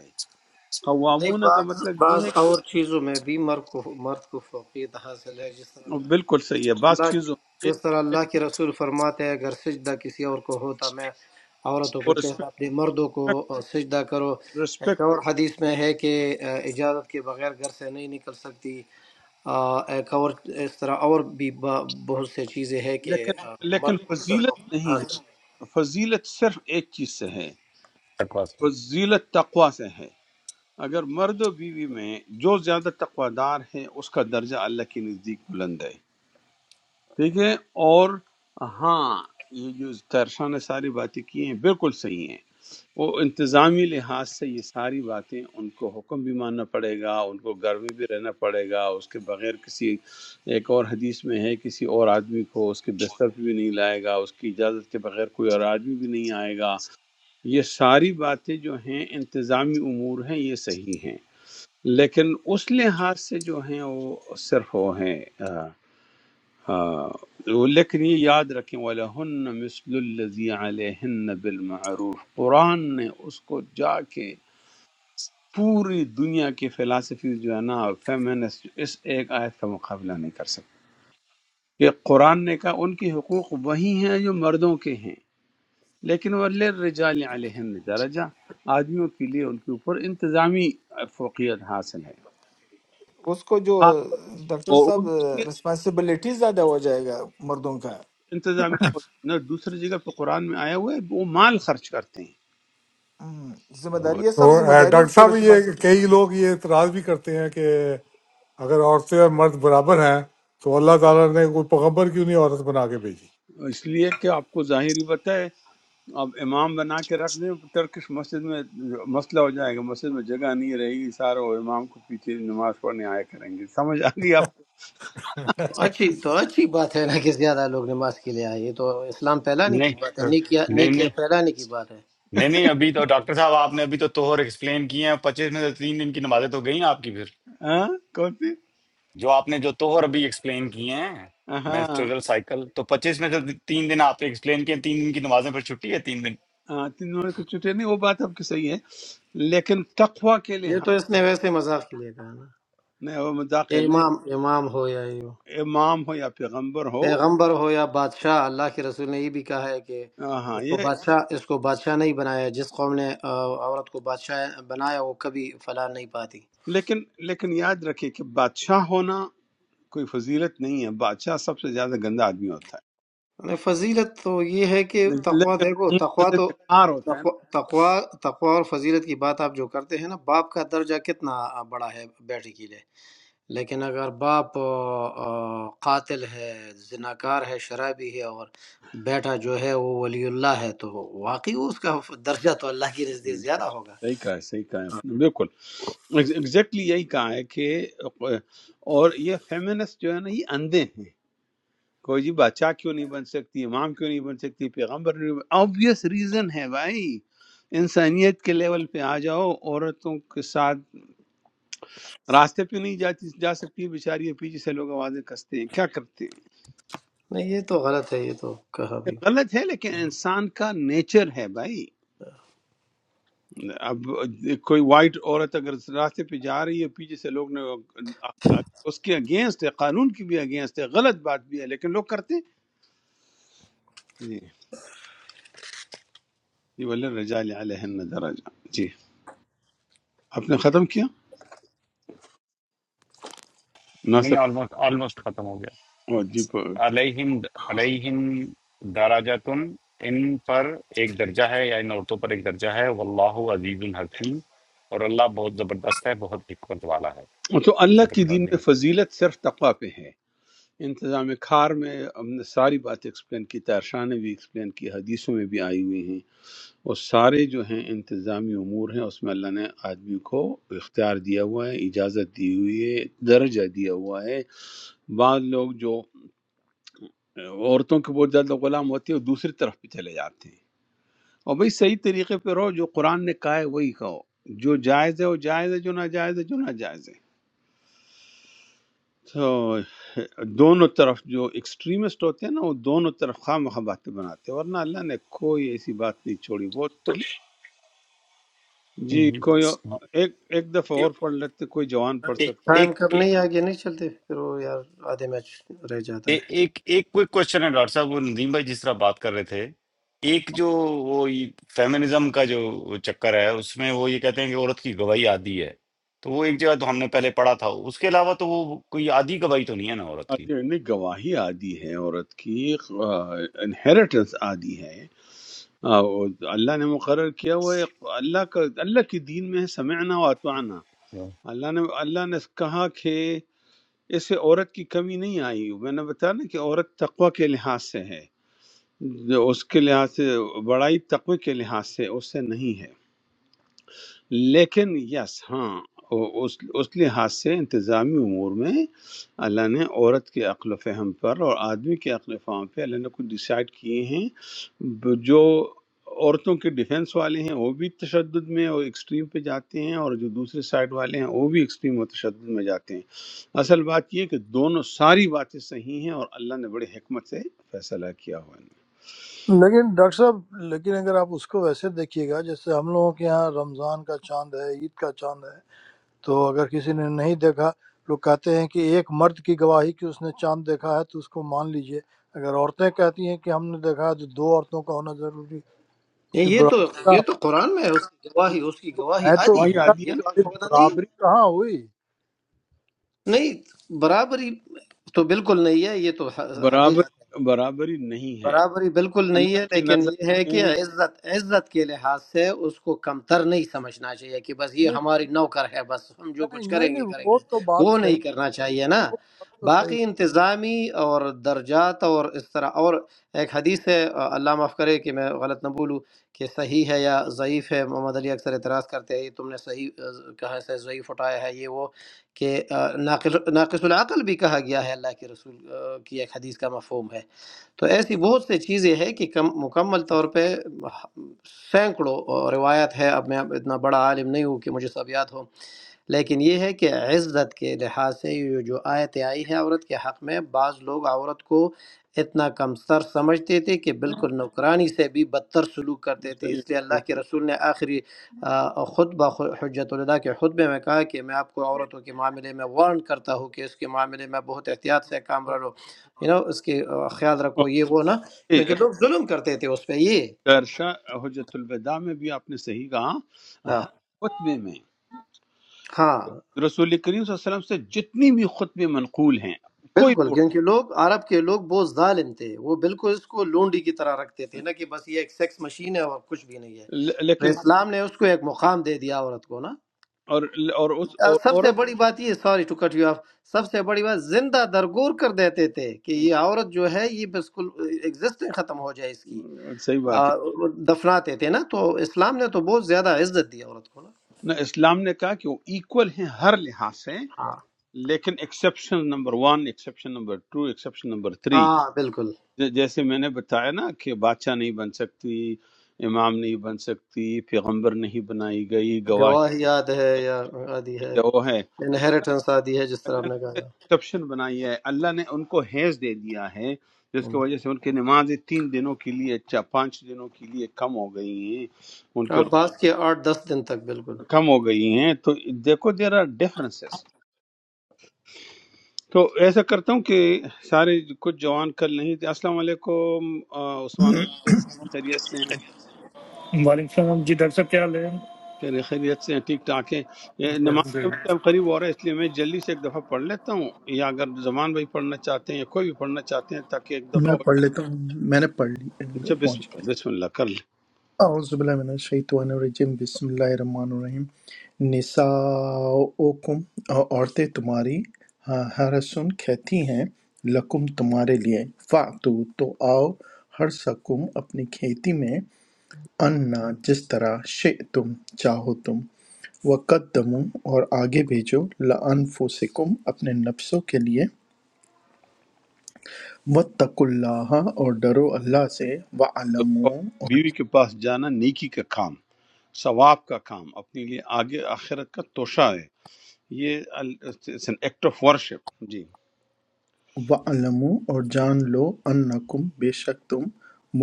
S6: نہیں
S2: قوامون کا
S6: بعض
S2: مطلب یہ
S6: بعض
S2: ہے کہ
S6: اور چیزوں میں بھی مرد کو مرد کو فوقیت حاصل ہے جس طرح اللہ
S2: بالکل صحیح ہے بعض
S6: اللہ کے
S2: چیزوں میں
S6: جس طرح اللہ کے رسول فرماتے ہیں اگر سجدہ کسی اور کو ہوتا میں عورتوں کو کہتا اپنے مردوں کو اور سجدہ کرو ایک
S2: رسپیکٹ
S6: اور حدیث میں ہے کہ اہ، اجازت کے بغیر گھر سے نہیں نکل سکتی آہ، ایک اور اس طرح اور بھی با- بہت سے چیزیں ہیں کہ اہ،
S2: لیکن لیکن
S6: مرد کو اس کا
S2: فضیلت
S6: فوقیت
S2: نہیں
S6: حاصل ہے
S2: ہے فضیلت صرف ایک چیز سے ہے
S1: تقویٰ سے۔
S2: فضیلت تقوی سے ہے اگر مرد و بیوی میں جو زیادہ تقوی دار ہے اس کا درجہ اللہ کے نزدیک بلند ہے ٹھیک ہے اور ہاں یہ جو ترشا نے ساری باتیں کی ہیں بالکل صحیح ہیں وہ انتظامی لحاظ سے یہ ساری باتیں ان کو حکم بھی ماننا پڑے گا ان کو گھر میں بھی رہنا پڑے گا اس کے بغیر کسی ایک اور حدیث میں ہے کسی اور آدمی کو اس کے بستر پہ بھی نہیں لائے گا اس کی اجازت کے بغیر کوئی اور آدمی بھی نہیں آئے گا یہ ساری باتیں جو ہیں انتظامی امور ہیں یہ صحیح ہیں لیکن اس لحاظ سے جو ہیں وہ صرف وہ ہیں آ، آ، وہ لیکن یہ یاد رکھیں وَلَهُنَّ مِثْلُ الَّذِي عَلَيْهِنَّ بِالْمَعْرُوفِ قرآن نے اس کو جا کے پوری دنیا کی فلاسفیز جو ہے نا فیمنسٹ اس ایک آیت کا مقابلہ نہیں کر سکتے کہ قرآن نے کہا ان کے حقوق وہی ہیں جو مردوں کے ہیں لیکن وہ للرجال علیہن درجہ آدمیوں کے لیے ان کے اوپر انتظامی فوقیت حاصل ہے
S4: उसको जो
S2: خاص طور-
S4: डॉक्टर
S2: اور وہ
S4: साहब
S2: بھی اس کے
S4: रिस्पॉन्सिबिलिटी ज्यादा हो जाएगा मर्दों का
S2: انتظامی فوقیت- نہ دوسری جگہ پہ قرآن میں آیا ہوا ہے وہ مال خرچ کرتے ہیں
S4: हम्म,
S2: اور
S4: जिम्मेदारी ये
S7: तो
S4: सब
S7: अ,
S4: जिम्मेदारी है
S7: डॉक्टर साहब ये
S4: उसको
S7: कई लोग ये इतराज भी करते हैं कि अगर औरतें और मर्द बराबर हैं तो अल्लाह ताला ने कोई पैगंबर क्यों नहीं औरत बना के भेजी
S2: اس لیے کہ آپ کو ظاہری پتہ ہے اب امام بنا کے رکھ دیں ٹرکش مسجد میں مسئلہ ہو جائے گا مسجد میں جگہ نہیں رہے گی سارے وہ امام کو پیچھے نماز پڑھنے آیا کریں گے سمجھ آ گئی آپ کو
S6: اچھی تو اچھی بات ہے نا کہ زیادہ لوگ نماز کے لیے آئے یہ تو اسلام پھیلانے
S1: نہیں
S6: کی بات ہے نیکیا
S1: نہیں
S6: نیکیا
S1: نہیں
S6: پھیلانے کی بات ہے
S1: نہیں نہیں ابھی تو ڈاکٹر صاحب آپ نے ابھی تو توہر ایکسپلین کیے ہیں پچیس میں سے تین دن کی نمازیں تو گئی نا آپ کی پھر
S2: ہاں کون سی
S1: جو آپ نے جو توہر ابھی ایکسپلین کیے ہیں
S2: ہاں
S1: مینسٹریل سائیکل تو پچیس میں سے تین دن آپ نے ایکسپلین کیے تین دن کی نمازیں پھر چھٹی ہے تین دن
S2: ہاں، تین نمبر کے چٹے نہیں وہ بات آپ کی صحیح ہے لیکن تقوی کے لیے
S6: یہ
S2: ہاں
S6: تو اس نے ویسے مذاق کے لیے کہا نا
S2: نہیں وہ مذاق ہے
S6: یہ
S2: نہیں
S6: امام امام ہو یا یہ ہو
S2: امام ہو یا پیغمبر ہو
S6: پیغمبر ہو یا بادشاہ اللہ کے رسول نے یہ بھی کہا ہے کہ
S2: ہاں ہاں،
S6: اس کو
S2: یہ
S6: بادشاہ اس کو بادشاہ نہیں بنایا جس قوم نے آ، عورت کو بادشاہ بنایا وہ کبھی فلاں نہیں پاتی
S2: لیکن لیکن یاد رکھیں کہ بادشاہ ہونا کوئی فضیلت نہیں ہے بادشاہ سب سے زیادہ گندا آدمی ہوتا
S6: یعنی فضیلت تو یہ ہے کہ
S2: ہے
S6: تقوا
S2: لیکن
S6: دیکھو تقوا
S2: منتظر
S6: تو
S2: کار ہوتا ہے
S6: تقوا تقوا تقوا اور فضیلت کی بات آپ جو کرتے ہیں نا باپ کا درجہ کتنا بڑا ہے بیٹے کے لیے لیکن اگر باپ آ، آ، قاتل ہے زناکار ہے شرابی ہے اور بیٹا جو ہے وہ ولی اللہ ہے تو واقعی اس کا درجہ تو اللہ کی نزدیک
S2: نا
S6: زیادہ ہوگا
S2: صحیح کہا ہے صحیح کہا ہے آپ نے، بالکل ایگزیکٹلی یہی کہا ہے کہ اور یہ فیمنسٹ جو ہے نا یہ اندھے ہیں کوئی جی بادشاہ کیوں نہیں بن سکتی امام کیوں نہیں بن سکتی پیغمبر نہیں آبویس ریزن ہے بھائی انسانیت کے لیول پہ آ جاؤ عورتوں کے ساتھ راستے پہ نہیں جاتی جا سکتی بیچاری پیچھے سے لوگ آوازیں کستے ہیں کیا کرتے ہیں
S6: نہیں یہ تو غلط ہے یہ تو کہا
S2: یہ
S6: بھی
S2: غلط ہے لیکن انسان کا نیچر ہے بھائی اب کوئی وائٹ عورت اگر راستے پہ جا رہی ہے پیچھے سے لوگ نے اس کے اگینسٹ ہے قانون کی بھی اگینسٹ ہے غلط بات بھی ہے لیکن لوگ کرتے ہیں۔ جی جی وللرجال علیہن درجہ جی آپ نے ختم کیا
S1: نہیں
S2: مناسب
S1: آلموسٹ آلموسٹ ختم ہو گیا
S2: اور جی پر-
S1: علیہم علیہم دراجتن ان پر ایک درجہ ہے یا ان عورتوں پر ایک درجہ ہے واللہ عزیز الحکیم اور اللہ بہت زبردست ہے بہت حکمت والا ہے
S2: تو اللہ
S1: صدق
S2: کی
S1: اللہ
S2: دین
S1: العظیم
S2: میں فضیلت صرف تقوی پہ ہے انتظام کار میں ہم نے ساری بات ایکسپلین کی تارشاہ نے بھی ایکسپلین کی حدیثوں میں بھی آئی ہوئی ہیں وہ سارے جو ہیں انتظامی امور ہیں اس میں اللہ نے آدمی کو اختیار دیا ہوا ہے اجازت دی ہوئی ہے درجہ دیا ہوا ہے بعض لوگ جو عورتوں کے بہت زیادہ غلام ہوتے ہیں وہ دوسری طرف پہ چلے جاتے ہیں اور بھائی صحیح طریقے پہ رہو جو قرآن نے کہا ہے وہی کہو جو جائز ہے وہ جائز ہے جو ناجائز ہے جو ناجائز ہے تو دونوں طرف جو ایکسٹریمسٹ ہوتے ہیں نا وہ دونوں طرف خواہ مخواہ باتیں بناتے ہیں ورنہ اللہ نے کوئی ایسی بات نہیں چھوڑی بہت
S1: تو
S2: clear- جی کوئی
S1: یہ-
S2: ایک ایک دفعہ اور
S1: ایک
S2: پڑھ لیتے کوئی جوان پڑھ سکتا ہو
S6: ٹائم کب
S1: ایک-
S6: نہیں آگے نہیں چلتے پھر وہ یار آدھے میچ رہ جاتا
S1: اے-
S6: ہے
S1: ایک ایک کوئک کوشچن ہے ڈاکٹر صاحب وہ ندیم بھائی جس طرح بات کر رہے تھے ایک جو وہ فیمنزم کا جو وہ چکر ہے اس میں وہ یہ کہتے ہیں کہ عورت کی گواہی عادی ہے تو وہ ایک جگہ تو ہم نے پہلے پڑھا تھا اس کے علاوہ تو وہ کوئی عادی گواہی تو نہیں ہے نا عورت کی
S2: آدھی نہیں گواہی آدھی ہے عورت کی انہیریٹنس آدھی ہے آ، وہ اللہ نے مقرر کیا ہوا ہے اللہ کا اللہ کے دین میں ہے سمعنا و اطعنا اللہ نے اللہ نے کہا کہ اس سے عورت کی کمی نہیں آئی میں نے بتایا نا کہ عورت تقوی کے لحاظ سے ہے جو اس کے لحاظ سے بڑائی تقوی کے لحاظ سے اس سے نہیں ہے لیکن یس ہاں او- اس اس لحاظ سے انتظامی امور میں اللہ نے عورت کے عقل و فہم پر اور آدمی کے عقل و فہم پہ اللہ نے کچھ ڈیسائیڈ کیے ہیں ب- جو عورتوں کے ڈیفنس والے ہیں وہ بھی تشدد میں اور ایکسٹریم پہ جاتے ہیں اور جو دوسرے سائڈ والے ہیں وہ بھی ایکسٹریم اور تشدد میں جاتے ہیں اصل بات یہ ہے کہ دونوں ساری باتیں صحیح ہیں اور اللہ نے بڑی حکمت سے فیصلہ کیا ہوا ہے
S3: लेकिन डॉक्टर साहब लेकिन अगर आप उसको वैसे देखिएगा जैसे हम लोगों के यहाँ रमजान का चांद है ईद का चांद है तो अगर किसी ने नहीं देखा लोग कहते हैं कि एक मर्द की गवाही कि उसने चांद देखा है तो उसको मान लीजिए अगर औरतें कहती हैं कि हमने देखा है तो दो औरतों का होना जरूरी
S6: یہ
S3: फिर
S6: یہ تو
S3: बराबरी
S6: یہ
S3: कहाँ-
S6: تو قرآن میں ہے اس کی گواہی اس کی گواہی
S3: मैं तो वही
S6: آدھی
S2: وہی
S6: ہے نا
S3: कह रहा
S2: آدھی ہے نا
S6: یہ
S3: हूँ कि
S6: تو آپ کو
S3: फिर
S6: پتہ نہیں
S3: बराबरी कहाँ हुई
S6: نہیں برابری تو بالکل نہیں ہے یہ تو
S2: برابر
S6: حقیقت
S2: برابری نہیں ہے
S6: برابری بالکل نہیں
S2: اللہ
S6: ہے
S2: کے
S6: لیکن
S2: نظر
S6: یہ ہے کہ
S2: میں
S6: عزت عزت کے لحاظ سے اس کو کمتر نہیں سمجھنا چاہیے کہ بس یہ
S3: नहीं
S6: ہماری نوکر ہے بس ہم جو
S3: नहीं
S6: کچھ کریں
S3: नहीं
S6: گے
S3: नहीं,
S6: کریں
S3: वो
S6: گے
S3: तो बात
S6: وہ
S3: सही
S6: نہیں کرنا چاہیے نا
S3: वो बात तो सही
S6: باقی انتظامی اور درجات اور اس طرح اور ایک حدیث ہے اللہ معاف کرے کہ میں غلط نہ بولوں کہ صحیح ہے یا ضعیف ہے محمد علی اکثر اعتراض کرتے ہیں یہ تم نے صحیح آ، کہاں سے ضعیف اٹھایا ہے یہ وہ کہ آ، ناقص ناقص العقل بھی کہا گیا ہے اللہ کے رسول آ، کی ایک حدیث کا مفہوم ہے تو ایسی بہت سی چیزیں ہیں کہ کم مکمل طور پہ سینکڑوں روایت ہے اب میں اب اتنا بڑا عالم نہیں ہوں کہ مجھے سب یاد ہو لیکن یہ ہے کہ عزت کے لحاظ سے یہ جو آیت آئی ہے عورت کے حق میں بعض لوگ عورت کو اتنا کمتر سمجھتے تھے کہ بالکل نوکرانی سے بھی بدتر سلوک کرتے تھے
S2: بتائیے،
S6: اس لیے اللہ کے
S2: بالکل۔
S6: رسول نے آخری آ، خطبہ خ- حجت الوداع کے خطبے میں کہا کہ میں آپ کو عورتوں کے معاملے میں وارن کرتا ہوں کہ اس کے معاملے میں بہت احتیاط سے کام رہو یو نو اس کے آ، خیال رکھو یہ وہ نہ
S2: اوکے،
S6: کیونکہ لوگ ظلم کرتے تھے اس پہ یہ
S2: درشا حجت الوداع میں بھی آپ نے صحیح کہا
S6: ہاں
S2: ہر خطبے میں
S6: ہاں
S2: رسول کریم صلی اللہ علیہ وسلم سے جتنی بھی خطبے منقول ہیں کوئی
S6: بالکل
S2: بھی اٹھا
S6: کیونکہ لوگ عرب کے لوگ بہت ظالم تھے وہ بالکل اس کو لونڈی کی طرح رکھتے تھے نا کہ بس یہ ایک سیکس مشین ہے اور کچھ بھی نہیں ہے
S2: ل-
S6: تو
S2: لیکن
S6: اسلام نے اس کو ایک مقام دے دیا عورت کو نا
S2: اور اور اس
S6: آ،
S2: اور
S6: سب سے
S2: عورت
S6: بڑی بات یہ sorry to cut you off سب سے بڑی بات زندہ درگور کر دیتے تھے کہ یہ عورت جو ہے یہ بالکل ایگزسٹنگ ختم ہو جائے اس کی
S2: صحیح
S6: آ،
S2: بات ہے
S6: دفناتے تھے نا تو اسلام نے تو بہت زیادہ عزت دی عورت کو نا
S2: نہ اسلام نے کہا کہ وہ ایکول ہیں ہر لحاظ سے
S6: ہاں
S2: لیکن exception number one exception number two exception number three
S6: ہاں بالکل
S2: ج- جیسے میں نے بتایا نا کہ بادشاہ نہیں بن سکتی امام نہیں بن سکتی پیغمبر نہیں بنائی گئی
S6: گواہ
S2: گواہی
S6: یاد ہے یا آدھی ہے
S2: یہ وہ ہے
S6: انہیریٹنس آدھی ہے جس طرح
S2: اللہ
S6: آپ
S2: نے
S6: نے کہا
S2: ایکسپشن بنائی ہے اللہ نے ان کو حیض دے دیا ہے جس کی وجہ سے ان کی نمازیں تین دنوں کے لیے چا- پانچ دنوں کے لیے کم ہو گئی ہیں ان کے
S6: آپ
S2: روزے
S6: بعض کے آٹھ دس دن تک بالکل
S2: کم ہو گئی ہیں تو دیکھو دیر آر ڈفرینسز تو ایسا کرتا ہوں کہ سارے کچھ جوان کل نہیں تھے السلام علیکم آ، عثمان
S8: میں
S2: بھائی، کیسے ہیں؟ خیریت سے ہیں
S9: वालेकुम सलाम जी डॉक्टर साहब क्या हाल है
S2: خیر خیریت سے ہیں، ٹھیک ٹھاک ہیں یہ نماز کا بھی ٹائم قریب ہو رہا ہے اس لیے میں جلدی سے ایک دفعہ پڑھ لیتا ہوں یا اگر زمان بھائی پڑھنا چاہتے ہیں یا کوئی بھی پڑھنا چاہتے ہیں تاکہ ایک دفعہ ہو
S8: پڑھ لیتا ہوں میں نے پڑھ لی
S2: جائے جب بسم
S8: پہنچ گیا
S2: اللہ بسم اللہ کر لیں
S8: اعوذ باللہ من الشیطان الرجیم بسم اللہ الرحمن الرحیم نساؤکم عورتیں تمہاری ہاں، ہرسن کہتی ہیں لکم تمہارے لیے فاتو تو آؤ ہر سکم اپنی کھیتی میں انا جس طرح شئتم چاہو تم وقدموا اور آگے بھیجو لانفسکم اپنے نفسوں کے لیے وَاتَّقُوا اللَّهَ اور ڈرو اللہ سے
S2: تو اور
S8: وَاعْلَمُوا اور
S2: بیوی کے پاس جانا نیکی کا کام ثواب کا کام اپنے لیے آگے آخرت کا توشہ ہے یہ ایکٹ آف ورشپ جی
S8: وَاعْلَمُوا اور جان لو انکم بے شک تم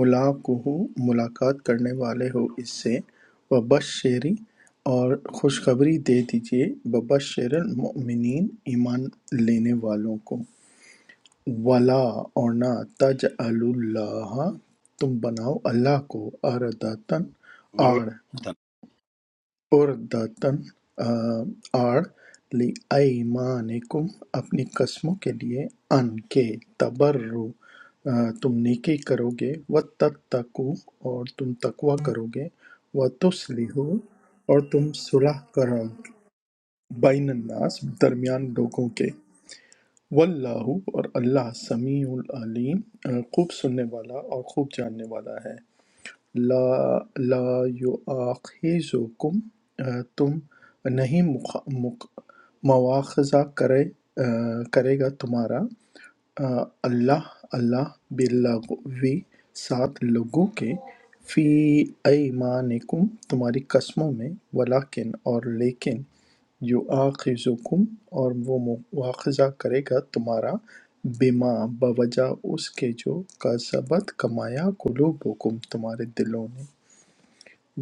S8: ملاقہ ملاقات کرنے والے ہو اس سے وبشری اور خوشخبری دے دیجئے وبشر المؤمنین ایمان لینے والوں کو ولا اور نہ تج اللہ تم بناؤ اللہ کو ارداتن آڑ عُرْضَةً آڑ لِأَیْمَانِکُم اپنی قسموں کے لیے ان کہ تَبَرُّوا تم نیکی کرو گے وَتَتَّقُوا اور تم تقوی کرو گے وَتُصْلِحُوا اور تم صلح کرو بین الناس درمیان لوگوں کے واللہ اور اللہ سمیع العلیم آ، خوب سننے والا اور خوب جاننے والا ہے لا لا یؤاخذکم تم نہیں مخ- مخ- مواخذہ کرے کرے گا تمہارا آ، اللہ اللہ باللغوی سات لوگوں کے فی ایمانکم تمہاری قسموں میں ولیکن اور لیکن یُؤَاخِذُکُم اور وہ مواخذہ کرے گا تمہارا بِما بوجہ اس کے جو کَسَبَت کمایا قُلُوبُکم تمہارے دلوں نے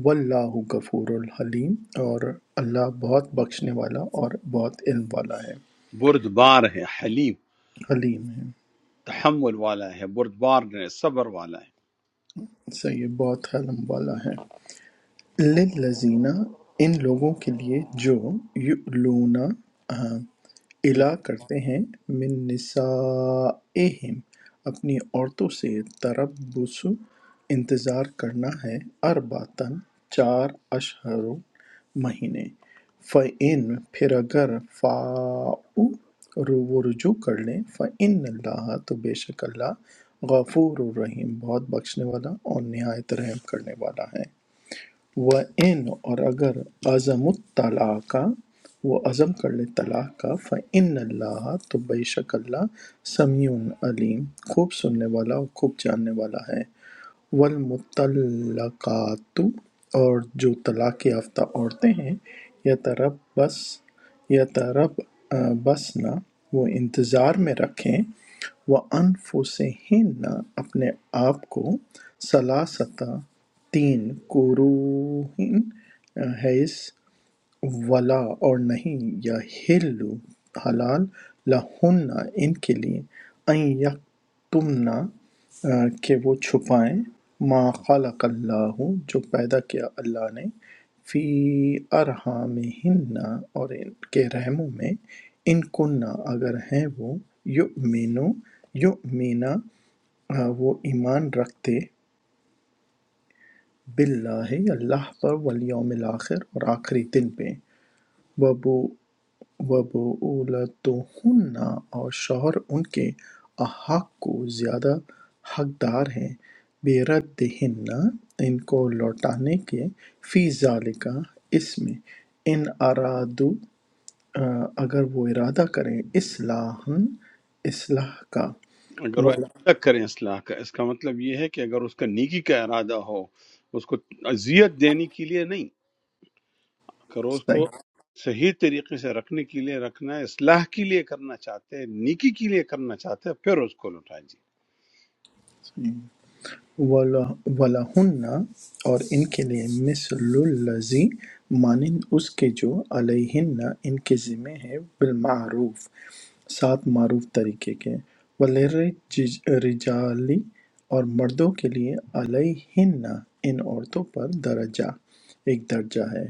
S8: وَاللَّہ غفور الحلیم اور اللہ بہت بخشنے والا اور بہت علم والا ہے
S2: بردبار ہے حلیم
S8: حلیم ہے
S2: تحمل والا ہے بردبار ہے صبر والا ہے
S8: صحیح ہے، بہت حلم والا ہے لِلَّذِينَ ان لوگوں کے لیے جو یؤلون آ،
S2: یہ
S8: الا کرتے ہیں من نسائہم اپنی عورتوں سے تربص انتظار کرنا ہے ارباتن چار اشہر مہینے فَإِن پھر اگر فاؤ رو- وہ رجوع کر لیں فَإِنَّ اللَّهَ تو بے شک اللہ غفور الرحیم بہت بخشنے والا اور نہایت رحم کرنے والا ہے و ان اور اگر عزم الطلاق کا وہ عزم کر لے طلاق کا فعن اللہ تو بے شک اللہ سمیع علیم خوب سننے والا اور خوب جاننے والا ہے والمطلقات اور جو طلاق یافتہ عورتیں ہیں یتربص یتربصن وہ انتظار میں رکھیں وَأَنفُسِهِنَّ اپنے آپ کو سلاستہ تین قروہن حیث ولا اور نہیں یحل حلال لہن ان کے لیے ان یکتمنا کہ وہ چھپائیں ما خلق اللہ جو پیدا کیا اللہ نے فی ارحامہن اور ان کے رحموں میں ان کننا اگر ہیں وہ یؤمنو یؤمنا آ، وہ ایمان رکھتے باللہ اللہ پر والیوم الاخر اور آخری دن پہ وبو وَبُعُولَتُہُنَّ اور شوہر ان کے احق کو زیادہ حقدار ہیں بِرَدِّہِنَّ ان کو لوٹانے کے فی ذالک اس میں ان ارادو آ، اگر وہ ارادہ کریں اصلاحً اصلاح کا
S2: اگر وہ
S8: ولا
S2: ارادہ کرے اصلاح کا اس کا مطلب یہ ہے کہ اگر اس کا نیکی کا ارادہ ہو اس کو اذیت دینے کے لیے نہیں کرو اس کو
S8: صحیح
S2: صحیح طریقے سے رکھنے کے لیے رکھنا ہے اصلاح کے لیے کرنا چاہتے ہیں نیکی کے لیے کرنا چاہتے ہیں پھر اس کو لوٹائیں
S8: وَلَہُنَّ اور ان کے لیے مِثْلُ الَّذِی مانند اس کے جو عَلَیہنَّ ان کے ذمہ ہے بالمعروف ساتھ معروف طریقے کے وَلِلرِّجَالِ اور مردوں کے لیے عَلَیہنَّ ان عورتوں پر درجہ ایک درجہ ہے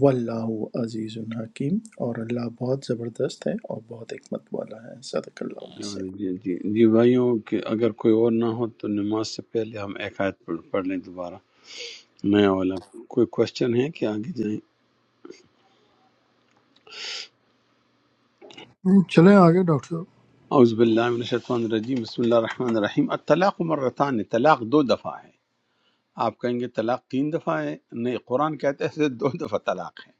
S8: واللہ عزیز حکیم اور اللہ بہت زبردست ہے اور بہت حکمت والا ہے صدق اللہ علیہ
S2: جی جی جی جی بھائیوں کہ اگر کوئی اور نہ ہو تو نماز سے پہلے ہم ایک آیت پڑھ پڑھ لیں دوبارہ نیا والا کوئی کوشچن ہے کہ آگے جائیں
S3: है। चले आगे डॉक्टर साहब
S2: اعوذ باللہ من الشیطان الرجیم بسم اللہ الرحمن الرحیم الطلاق مرتان طلاق دو دفعہ ہے آپ کہیں گے طلاق تین دفعہ ہے نہیں قرآن کہتا ہے صرف دو دفعہ طلاق ہے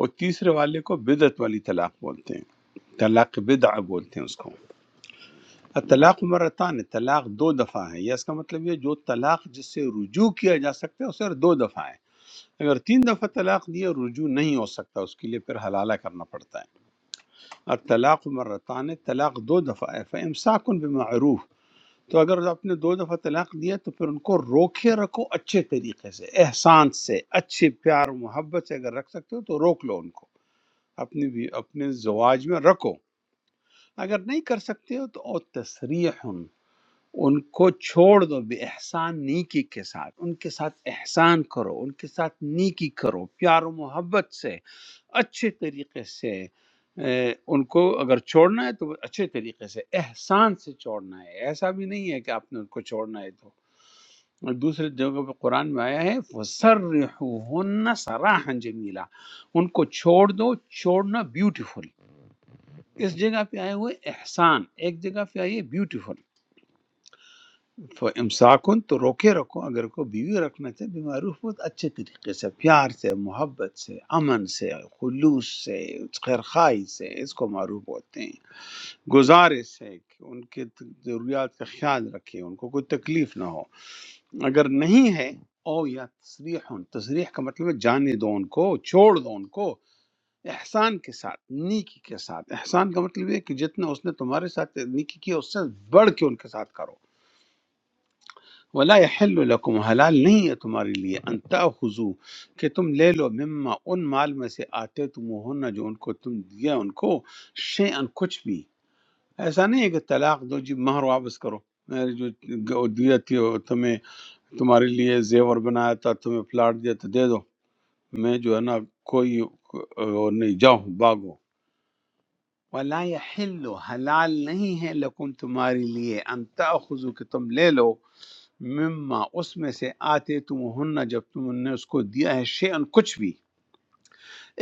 S2: اور تیسرے والے کو بدعت والی طلاق بولتے ہیں طلاق بدع بولتے ہیں اس کو طلاق مرتان طلاق دو دفعہ ہے یا اس کا مطلب یہ جو طلاق جس سے رجوع کیا جا سکتا ہے اسے دو دفعہ ہے اگر تین دفعہ طلاق دی اور رجوع نہیں ہو سکتا اس کے لیے پھر حلالہ کرنا پڑتا ہے اور طلاق مرتان طلاق دو دفعہ ہے فامساکن بمعروف تو اگر آپ نے دو دفعہ طلاق دیا تو پھر ان کو روکے رکھو اچھے طریقے سے احسان سے اچھے پیار و محبت سے اگر رکھ سکتے ہو تو روک لو ان کو اپنی بھی اپنے زواج میں رکھو اگر نہیں کر سکتے ہو تو او تسریح ان کو چھوڑ دو بے احسان نیکی کے ساتھ ان کے ساتھ احسان کرو ان کے ساتھ نیکی کرو پیار و محبت سے اچھے طریقے سے اے، ان کو اگر چھوڑنا ہے تو وہ اچھے طریقے سے احسان سے چھوڑنا ہے ایسا بھی نہیں ہے کہ آپ نے ان کو چھوڑنا ہے تو اور دوسرے جگہ پہ قرآن میں آیا ہے وَسَرِّحُوهُنَّ سَرَاحًا جَمِيلًا ان کو چھوڑ دو چھوڑنا بیوٹیفل اس جگہ پہ آئے ہوئے احسان ایک جگہ پہ آئیے بیوٹیفل امساکن تو روکے رکھو اگر کو بیوی رکھنا چاہے بیمعروف بہت اچھے طریقے سے پیار سے محبت سے امن سے خلوص سے خیر خواہی سے اس کو معروف بولتے ہیں گزارش ہے کہ ان کے ضروریات کا خیال رکھیں ان کو کوئی تکلیف نہ ہو اگر نہیں ہے او یا تصریح تصریح کا مطلب ہے جانے دو ان کو چھوڑ دو ان کو احسان کے ساتھ نیکی کے ساتھ احسان کا مطلب یہ ہے کہ جتنا اس نے تمہارے ساتھ نیکی کی اس سے بڑھ کے ان کے ساتھ کرو ولا يحل لكم हलाल नहीं है तुम्हारे लिए अंता खुजू कि तुम ले लो मिम्मा उन माल में से आते तुम जो उनको तुम दिया उनको शे कुछ भी ऐसा नहीं है कि तलाक दो जी महर वापस करो मेरे जो ग- दिया थी वो तुम्हें तुम्हारे लिए जेवर बनाया था तुम्हें प्लाट दिया था दे दो मैं जो है ना कोई वो नहीं जाओ भागो वला यहिल्लु हलाल नहीं है लकुम तुम्हारे लिए अंता खुजू कि तुम ले लो مما اس میں سے آتے تم ہن جب تم نے اس کو دیا ہے شیئن کچھ بھی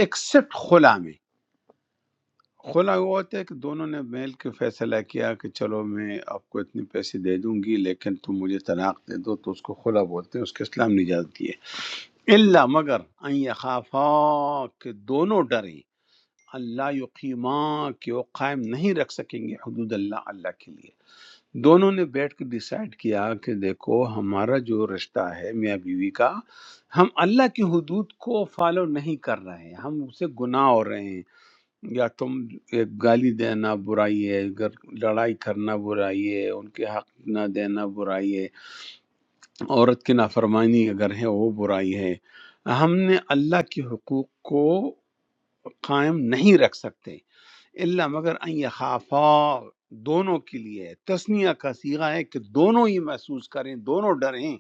S2: ایکسپٹ خلا میں خلا وہ ہوتا ہے کہ دونوں نے میل کے فیصلہ کیا کہ چلو میں آپ کو اتنے پیسے دے دوں گی لیکن تم مجھے طلاق دے دو تو اس کو خلا بولتے ہیں اس کے اسلام نے اجازت دی ہے اللہ مگر ان یخافا کہ دونوں ڈریں اللہ یقیمہ کہ وہ قائم نہیں رکھ سکیں گے حدود اللہ اللہ کے لیے دونوں نے بیٹھ کے ڈیسائیڈ کیا کہ دیکھو ہمارا جو رشتہ ہے میاں بیوی کا ہم اللہ کی حدود کو فالو نہیں کر رہے ہیں ہم اسے گناہ ہو رہے ہیں یا تم ایک گالی دینا برائی ہے گر- لڑائی کرنا برائی ہے ان کے حق نہ دینا برائی ہے عورت کی نافرمانی اگر ہے وہ برائی ہے ہم نے اللہ کے حقوق کو قائم نہیں رکھ سکتے اللہ مگر ان یخافا دونوں کے لیے ہے۔ تسنیہ کا صیغہ ہے کہ دونوں ہی محسوس کریں دونوں ڈریں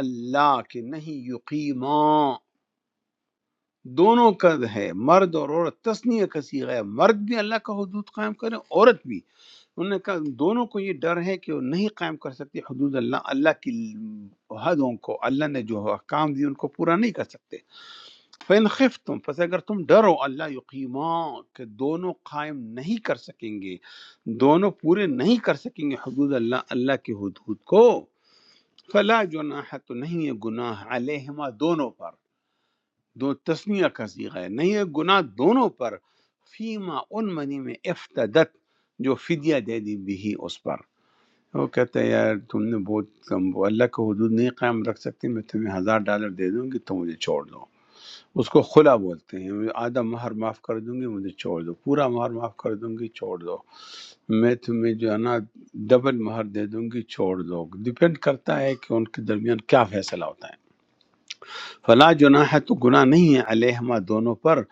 S2: اللہ کے نہیں یقیما دونوں کا ہے مرد اور عورت تسنیہ کا صیغہ ہے مرد بھی اللہ کا حدود قائم کرے عورت بھی انہوں نے کہا دونوں کو یہ ڈر ہے کہ وہ نہیں قائم کر سکتی حدود اللہ اللہ کی حدوں کو اللہ نے جو احکام دی ان کو پورا نہیں کر سکتے فَإِنْ خِفْتُمْ پس اگر تم ڈرو اللہ یقیما کہ دونوں قائم نہیں کر سکیں گے دونوں پورے نہیں کر سکیں گے حدود اللہ اللہ کے حدود کو فلا جناح تو نہیں ہے گناہ علیہما دونوں پر دو تسمیہ کا صیغہ ہے نہیں ہے گناہ دونوں پر فیما ان منی میں افتدت جو فدیہ دے دی بھی اس پر وہ کہتے ہیں یار تم نے بہت کم اللہ کے حدود نہیں قائم رکھ سکتے میں تمہیں ہزار ڈالر دے دوں گی تو مجھے چھوڑ دو اس کو خلا بولتے ہیں میں آدھا مہر معاف کر دوں گی مجھے چھوڑ دو پورا مہر معاف کر دوں گی چھوڑ دو میں تمہیں جو ہے نا ڈبل مہر دے دوں گی چھوڑ دو ڈپینڈ کرتا ہے کہ ان کے درمیان کیا فیصلہ ہوتا ہے فلا جناح ہے تو گناہ نہیں ہے علیہما دونوں پر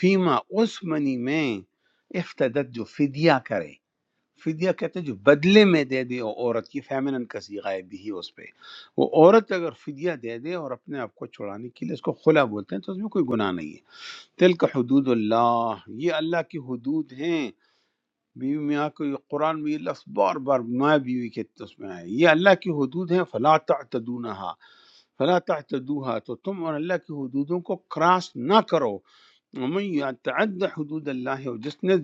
S2: فیما اس منی میں افتدت جو فدیہ کرے فدیہ کہتے ہیں جو بدلے میں دے دے وہ عورت کی فیمنن کا صیغہ ہے بھی ہی اس پہ وہ عورت اگر فدیہ دے دے اور اپنے آپ کو چھڑانے کے لیے اس کو خلا بولتے ہیں تو اس میں کوئی گناہ نہیں ہے تلک حدود اللہ یہ اللہ کی حدود ہیں بیوی میاں کو یہ قرآن میں یہ لفظ بار بار میاں بیوی کے اس میں آئے یہ اللہ کی حدود ہیں فلا تعتدونہا فلا تعتدوها تو تم اور اللہ کی حدودوں کو کراس نہ کرو ومن یتعد حدود اللہ اور جس نے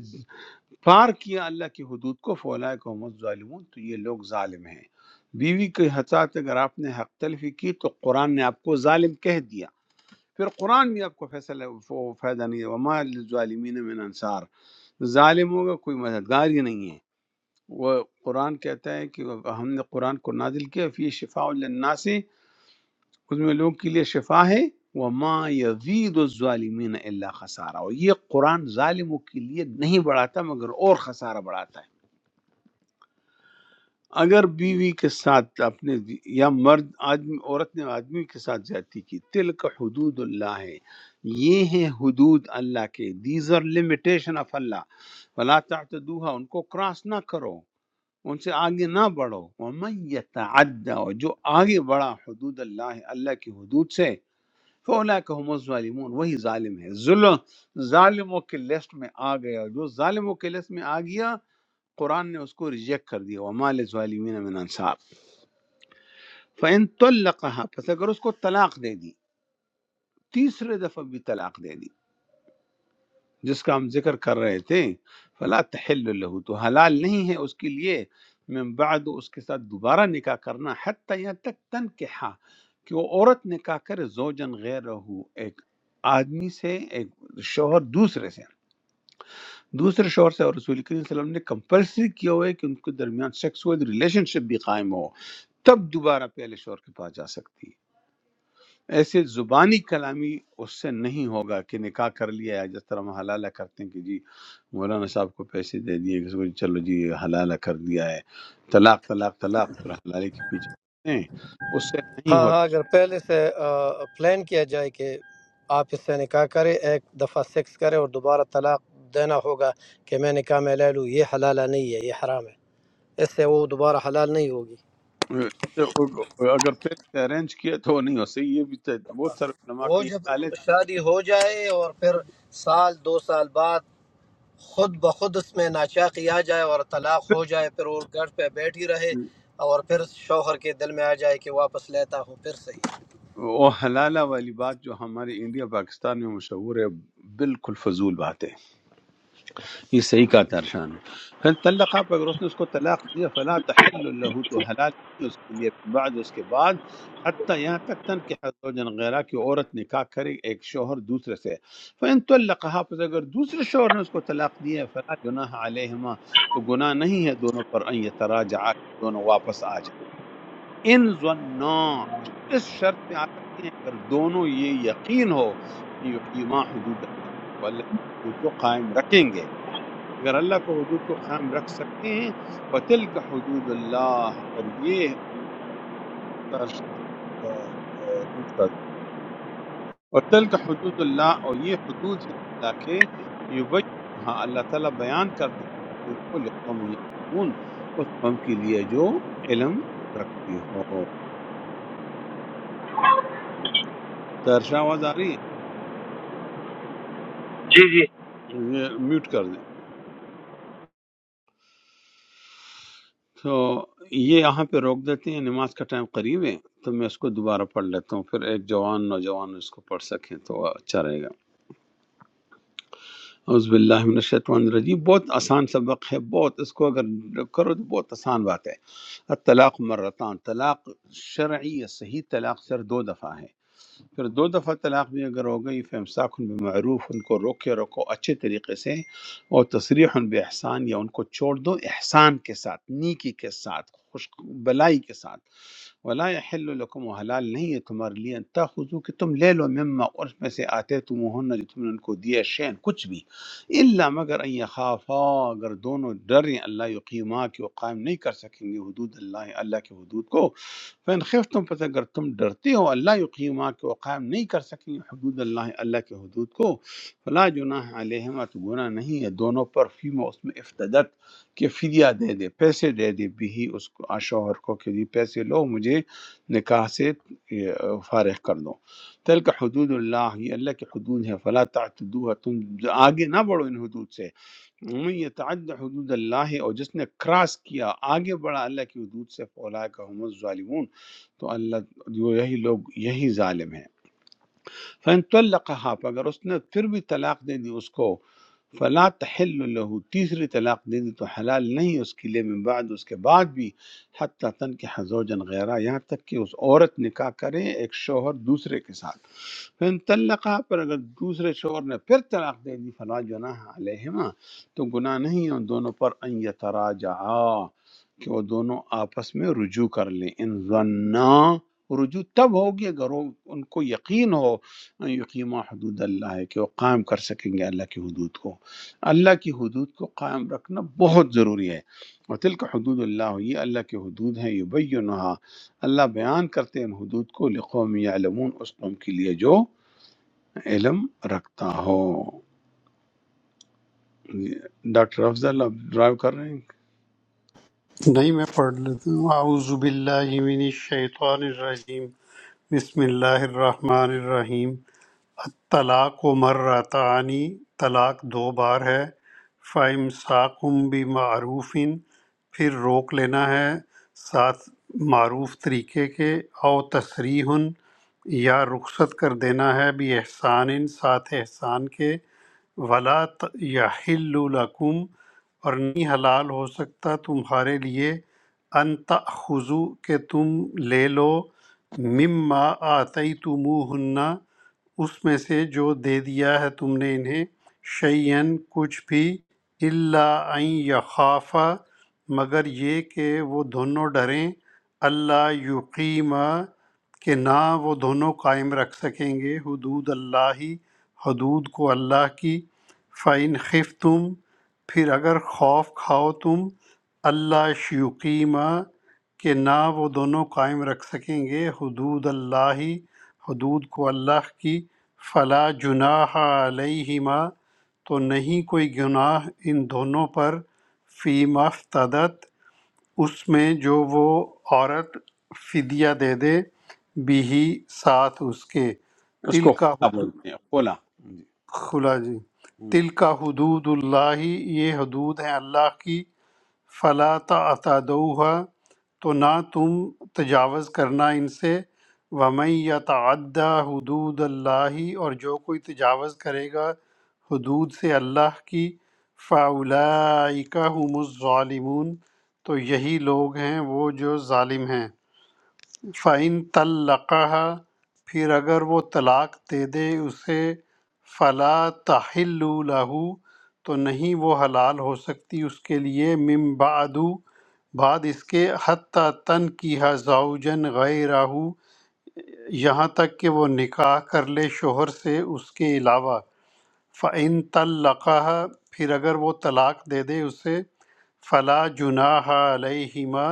S2: پار کیا اللہ کی حدود کو فولا کو ظالمون تو یہ لوگ ظالم ہیں بیوی کے حسات اگر آپ نے حق تلفی کی تو قرآن نے آپ کو ظالم کہہ دیا پھر قرآن بھی آپ کو فیصلہ وہ فائدہ نہیں ہے وما للظالمین من انصار ظالموں کا کوئی مددگار ہی نہیں ہے وہ قرآن کہتا ہے کہ ہم نے قرآن کو نازل کیا فی شفاء للناس اس میں لوگ کے لیے شفا ہے وما یزید الظالمین الا خسارہ اور یہ قرآن ظالموں کے لیے نہیں بڑھاتا مگر اور خسارہ بڑھاتا ہے اگر بیوی کے ساتھ آپ نے یا مرد آدمی عورت نے آدمی کے ساتھ زیادتی کی تلک حدود اللہ ہے یہ ہیں حدود اللہ کے these are limitation of Allah فلا تعتدوها ان کو کراس نہ کرو ان سے آگے نہ بڑھو ومن یتعدی اور جو آگے بڑھا حدود اللہ اللہ کی حدود سے فاولئک هم الظالمون وہی ظالم ہے ظلم ظالموں کے لسٹ میں آ گیا جو ظالموں کے لسٹ میں آ گیا قرآن نے اس کو ریجیکٹ کر دیا وما للظالمین من انصار فَإِن طَلَّقَهَا پس اگر اس کو طلاق دے دی تیسرے دفعہ بھی طلاق دے دی جس کا ہم ذکر کر رہے تھے فلا تحل له تو حلال نہیں ہے اس کے لیے من بعد اس کے ساتھ دوبارہ نکاح کرنا حتی یہاں تک تنکحہ کہ وہ عورت نکاح کرے زوجن غیر رہو ایک آدمی سے ایک شوہر دوسرے سے دوسرے شوہر سے اور رسول کریم صلی اللہ علیہ وسلم نے کمپلسری کیا ہوا ہے کہ ان کے درمیان سیکسول ریلیشن شپ بھی قائم ہو تب دوبارہ پہلے شوہر کے پاس جا سکتی ہے ایسے زبانی کلامی اس سے نہیں ہوگا کہ نکاح کر لیا ہے جس طرح ہم حلالہ کرتے ہیں کہ جی مولانا صاحب کو پیسے دے دیے کسی کو جی چلو جی یہ حلالہ کر دیا ہے طلاق طلاق طلاق اور حلالے کے پیچھے پڑتے ہیں اس سے نہیں
S6: ہاں ہاں اگر پہلے سے آ، پلان کیا جائے کہ آپ اس سے نکاح کرے ایک دفعہ سیکس کرے اور دوبارہ طلاق دینا ہوگا کہ میں نکاح میں لے لوں یہ حلال نہیں ہے یہ حرام ہے اس سے وہ دوبارہ حلال نہیں ہوگی
S2: ہوتا تو اگر پھر سے ارینج کیا تو وہ نہیں ہو سکتا یہ بھی تو بہت سارے علماء
S6: وہ
S2: کا یہ
S6: جب
S2: خیال ہے
S6: شادی ہو جائے اور پھر سال دو سال بعد خود بخود اس میں ناچاقی آ جائے اور طلاق
S2: پھر
S6: ہو جائے پھر وہ گھر پہ بیٹھی رہے اور پھر شوہر کے دل میں آ جائے کہ واپس لیتا ہوں پھر صحیح
S2: وہ حلالہ والی بات جو ہمارے انڈیا پاکستان میں مشہور ہے بالکل فضول بات ہے یہ صحیح کہا ترشان نے پھر طلقہ پہ اگر اس نے اس کو طلاق دیا فلا تحل له تو حلال نہیں اس کے لیے من بعد اس کے بعد حتی یہاں تک تن کہ زوجن غیرہ کی عورت نکاح کرے ایک شوہر دوسرے سے فان طلقها پس اگر دوسرے شوہر نے اس کو طلاق دیا ہے فلا جناح علیہما تو گناہ نہیں ہے دونوں پر ان یتراجعا دونوں واپس آ جائیں ان ظنا اس شرط پہ آ سکتے ہیں اگر دونوں یہ یقین ہو ان یقیما حدود اللہ وہ اللہ کی حدود کو قائم رکھیں گے اگر اللہ کو حدود کو قائم رکھ سکتے ہیں وَتِلْكَ حدود اللہ اور یہ سر- آ، آ، mute کر دیں۔ وَتِلْكَ حدود اللہ اور یہ حدود ہیں اللہ کے یبینہا اللہ تعالیٰ بیان کرتے ہیں حدود کو لقوم یعلمون اس قوم کے لیے جو علم رکھتی ہو ترشا آواز آ رہی ہے یہ میوٹ کر دیں تو یہ یہاں پہ روک دیتے ہیں نماز کا ٹائم قریب ہے تو میں اس کو دوبارہ پڑھ لیتا ہوں پھر ایک جوان نوجوان اس کو پڑھ سکیں تو اچھا رہے گا اعوذ باللہ من الشیطان الرجیم بہت آسان سبق ہے بہت اس کو اگر کرو تو بہت آسان بات ہے الطلاق مرتان طلاق شرعی یا صحیح طلاق سر دو دفعہ ہے پھر دو دفعہ طلاق بھی اگر ہو گئی فمساک ان معروف ان کو روکے رکھو اچھے طریقے سے اور تصریح ان بے احسان یا ان کو چھوڑ دو احسان کے ساتھ نیکی کے ساتھ خوش بلائی کے ساتھ ولا یحل لکم حلال نہیں ہے تمہارے لیے ان تاخذوا کہ تم لے لو مما اور اس میں سے آتے تم جو تم نے ان کو دیا شین کچھ بھی الا مگر ان یخافا اگر دونوں ڈریں اللہ یقیما کہ وہ قائم نہیں کر سکیں گے حدود اللہ اللہ کے حدود کو فَإِنْ خِفْتُمْ پس اگر تم ڈرتے ہو اللہ یقیما کہ وہ قائم نہیں کر سکیں گے حدود اللہ اللہ کے حدود کو فلا جناح علیہما تو گناہ نہیں ہے دونوں پر فیما اس میں افتدت کہ فدیہ دے دے پیسے دے دے بھی اس کو آ شوہر کو کہ جی پیسے لو مجھے نکاح سے یہ، فارغ کر دو تلک حدود اللہ یہ اللہ کے حدود ہیں فلا تعتدوها تم آگے نہ بڑھو ان حدود سے ومن یتعد حدود اللہ اور جس نے کراس کیا آگے بڑھا اللہ کی حدود سے فولا کا ہم الظالمون تو اللہ جو یہی لوگ یہی ظالم ہیں فَإِن طَلَّقَهَا پر اگر اس نے پھر بھی طلاق دے دی اس کو فلا تحل له تیسری طلاق دے دی تو حلال نہیں اس کے لیے من بعد اس کے بعد بھی حتی تن کے حزوجن غیرہ یہاں تک کہ اس عورت نکاح کرے ایک شوہر دوسرے کے ساتھ فن طلقہ پر اگر دوسرے شوہر نے پھر طلاق دے دی فلا جناح علیہما تو گناہ نہیں ہے ان دونوں پر ان یتراجعا کہ وہ دونوں آپس میں رجوع کر لیں ان ظنا رجوع تب ہوگی اگر وہ- ان کو یقین ہو یقیم حدود اللہ ہے کہ وہ قائم کر سکیں گے اللہ کی حدود کو اللہ کی حدود کو قائم رکھنا بہت ضروری ہے اور تلک حدود اللہ یہ اللہ کے حدود ہیں یبینہا اللہ بیان کرتے ہیں ان حدود کو لقوم یعلمون اس قوم کے لیے جو علم رکھتا ہو ڈاکٹر افضل آپ ڈرائیو کر رہے ہیں
S5: نہیں میں پڑھ لیتا ہوں اعوذ باللہ من الشیطان الرجیم بسم اللہ الرحمن الرحیم طلاق و مرتانی طلاق دو بار ہے فَإِمْسَاكُمْ بِمَعْرُوفٍ پھر روک لینا ہے ساتھ معروف طریقے کے او تصریح یا رخصت کر دینا ہے بھی احسان ساتھ احسان کے ولا یحل لکم اور نہیں حلال ہو سکتا تمہارے لیے ان تأخذوا کہ تم لے لو مما آتی اس میں سے جو دے دیا ہے تم نے انہیں شعین کچھ بھی اللہ ان یخافا مگر یہ کہ وہ دونوں ڈریں اللہ یقیمہ کہ نہ وہ دونوں قائم رکھ سکیں گے حدود اللہ ہی حدود کو اللہ کی فعن خف تم پھر اگر خوف کھاؤ تم اللہ شیقیمہ کہ نہ وہ دونوں قائم رکھ سکیں گے حدود اللہ ہی حدود کو اللہ کی فلا جناح علیہما تو نہیں کوئی گناہ ان دونوں پر فی مفتدت اس میں جو وہ عورت فدیہ دے دے بھی ساتھ اس کے
S2: اس
S5: تل
S2: کو
S5: کا
S2: خلا
S5: حدود
S2: بولتے ہیں خلا جی
S5: خلا جی
S2: ہم۔
S5: تل کا حدود اللہ یہ حدود ہیں اللہ کی فلا تعتدوها تو نہ تم تجاوز کرنا ان سے ومن یتعد حدود اللہ اور جو کوئی تجاوز کرے گا حدود سے اللہ کی فاولئک هم الظالمون تو یہی لوگ ہیں وہ جو ظالم ہیں فَإِن طَلَّقَهَا پھر اگر وہ طلاق دے دے اسے فَلَا تَحِلُّ لَهُ تو نہیں وہ حلال ہو سکتی اس کے لیے من بعد بعد اس کے حتیٰ تنکیہ زوجن غیرہ یہاں تک کہ وہ نکاح کر لے شوہر سے اس کے علاوہ فَإِن طَلَّقَهَا پھر اگر وہ طلاق دے دے اسے فلا جناح علیہما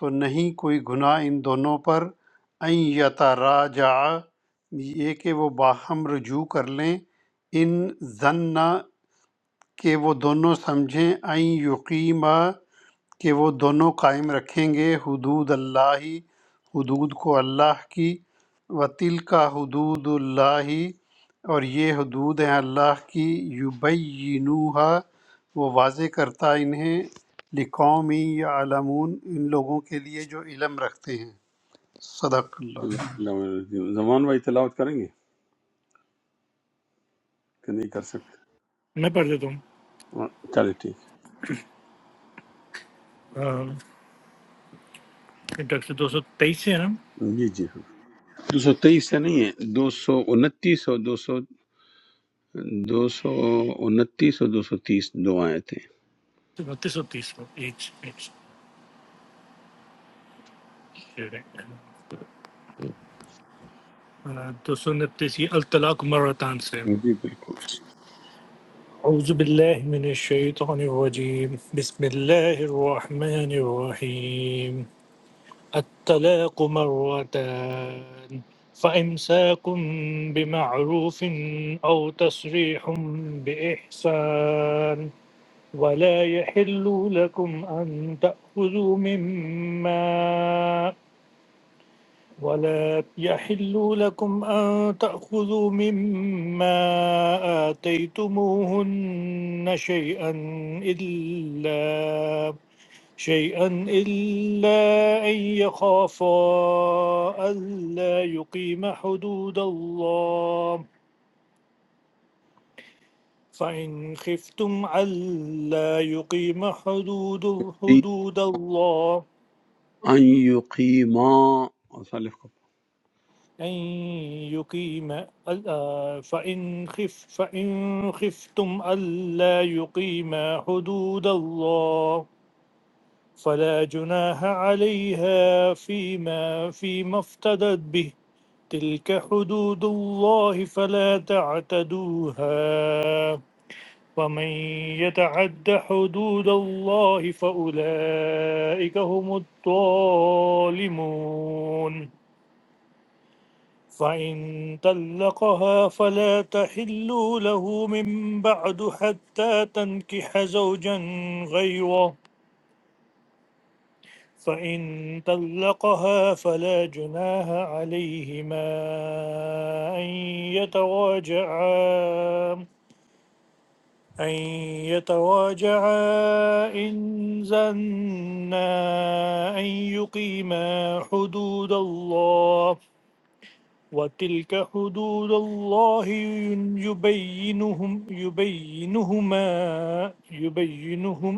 S5: تو نہیں کوئی گناہ ان دونوں پر ان یتراجع یہ کہ وہ باہم رجوع کر لیں ان ظن کہ وہ دونوں سمجھیں ان یقیما کہ وہ دونوں قائم رکھیں گے حدود اللہ حدود کو اللہ کی وطل کا حدود اللہ اور یہ حدود ہیں اللہ کی یبینوہا وہ واضح کرتا ہے انہیں لقومی یا علمون ان لوگوں کے لیے جو علم رکھتے ہیں صدق اللہ
S2: اللہ- زمان بھائی تلاوت کریں گے کہ نہیں کر سکتے
S9: मैं पढ़ देता हूँ
S2: چلے ٹھیک
S9: अम, ये डॉक्टर साहब दो सौ तेईस से है ना
S2: جی جی دو سو تیئیس سے نہیں ہے دو سو انتیس اور دو سو دو سو انتیس اور دو سو تیس دو آئے تھے
S9: उनतीस सौ तीस को एज एज दो सौ उनतीस ये अलतलाक मरतान से
S2: جی بالکل
S9: أعوذ بالله من الشيطان الرجيم بسم الله الرحمن الرحيم الطلاق مرتان فإمساك بمعروف أو تسريح بإحسان ولا يحل لكم أن تأخذوا مما ولا يحل لكم أن تأخذوا مما آتيتموهن شيئا إلا شيئا إلا أن يخافا ألا يقيما حدود الله فإن خفتم ألا يقيما حدود حدود الله
S2: ان یقیما اور سالف کو
S9: أن يقيم آه، فإن خف فإن خفتم ألا يقيما حدود الله فلا جناح عليها فيما فيما افتدت به تلك حدود الله فلا تعتدوها ومن يتعد حدود الله فأولئك هم الظالمون فإن طلقها فلا تحل له من بعد حتى تنكح زوجا غيره فإن طلقها فلا جناها عليهما أن يتواجعا أن يتواجعا إن زنا أن يقيما حدود الله وتلك حدود الله يبينهم يبينهما يبينهم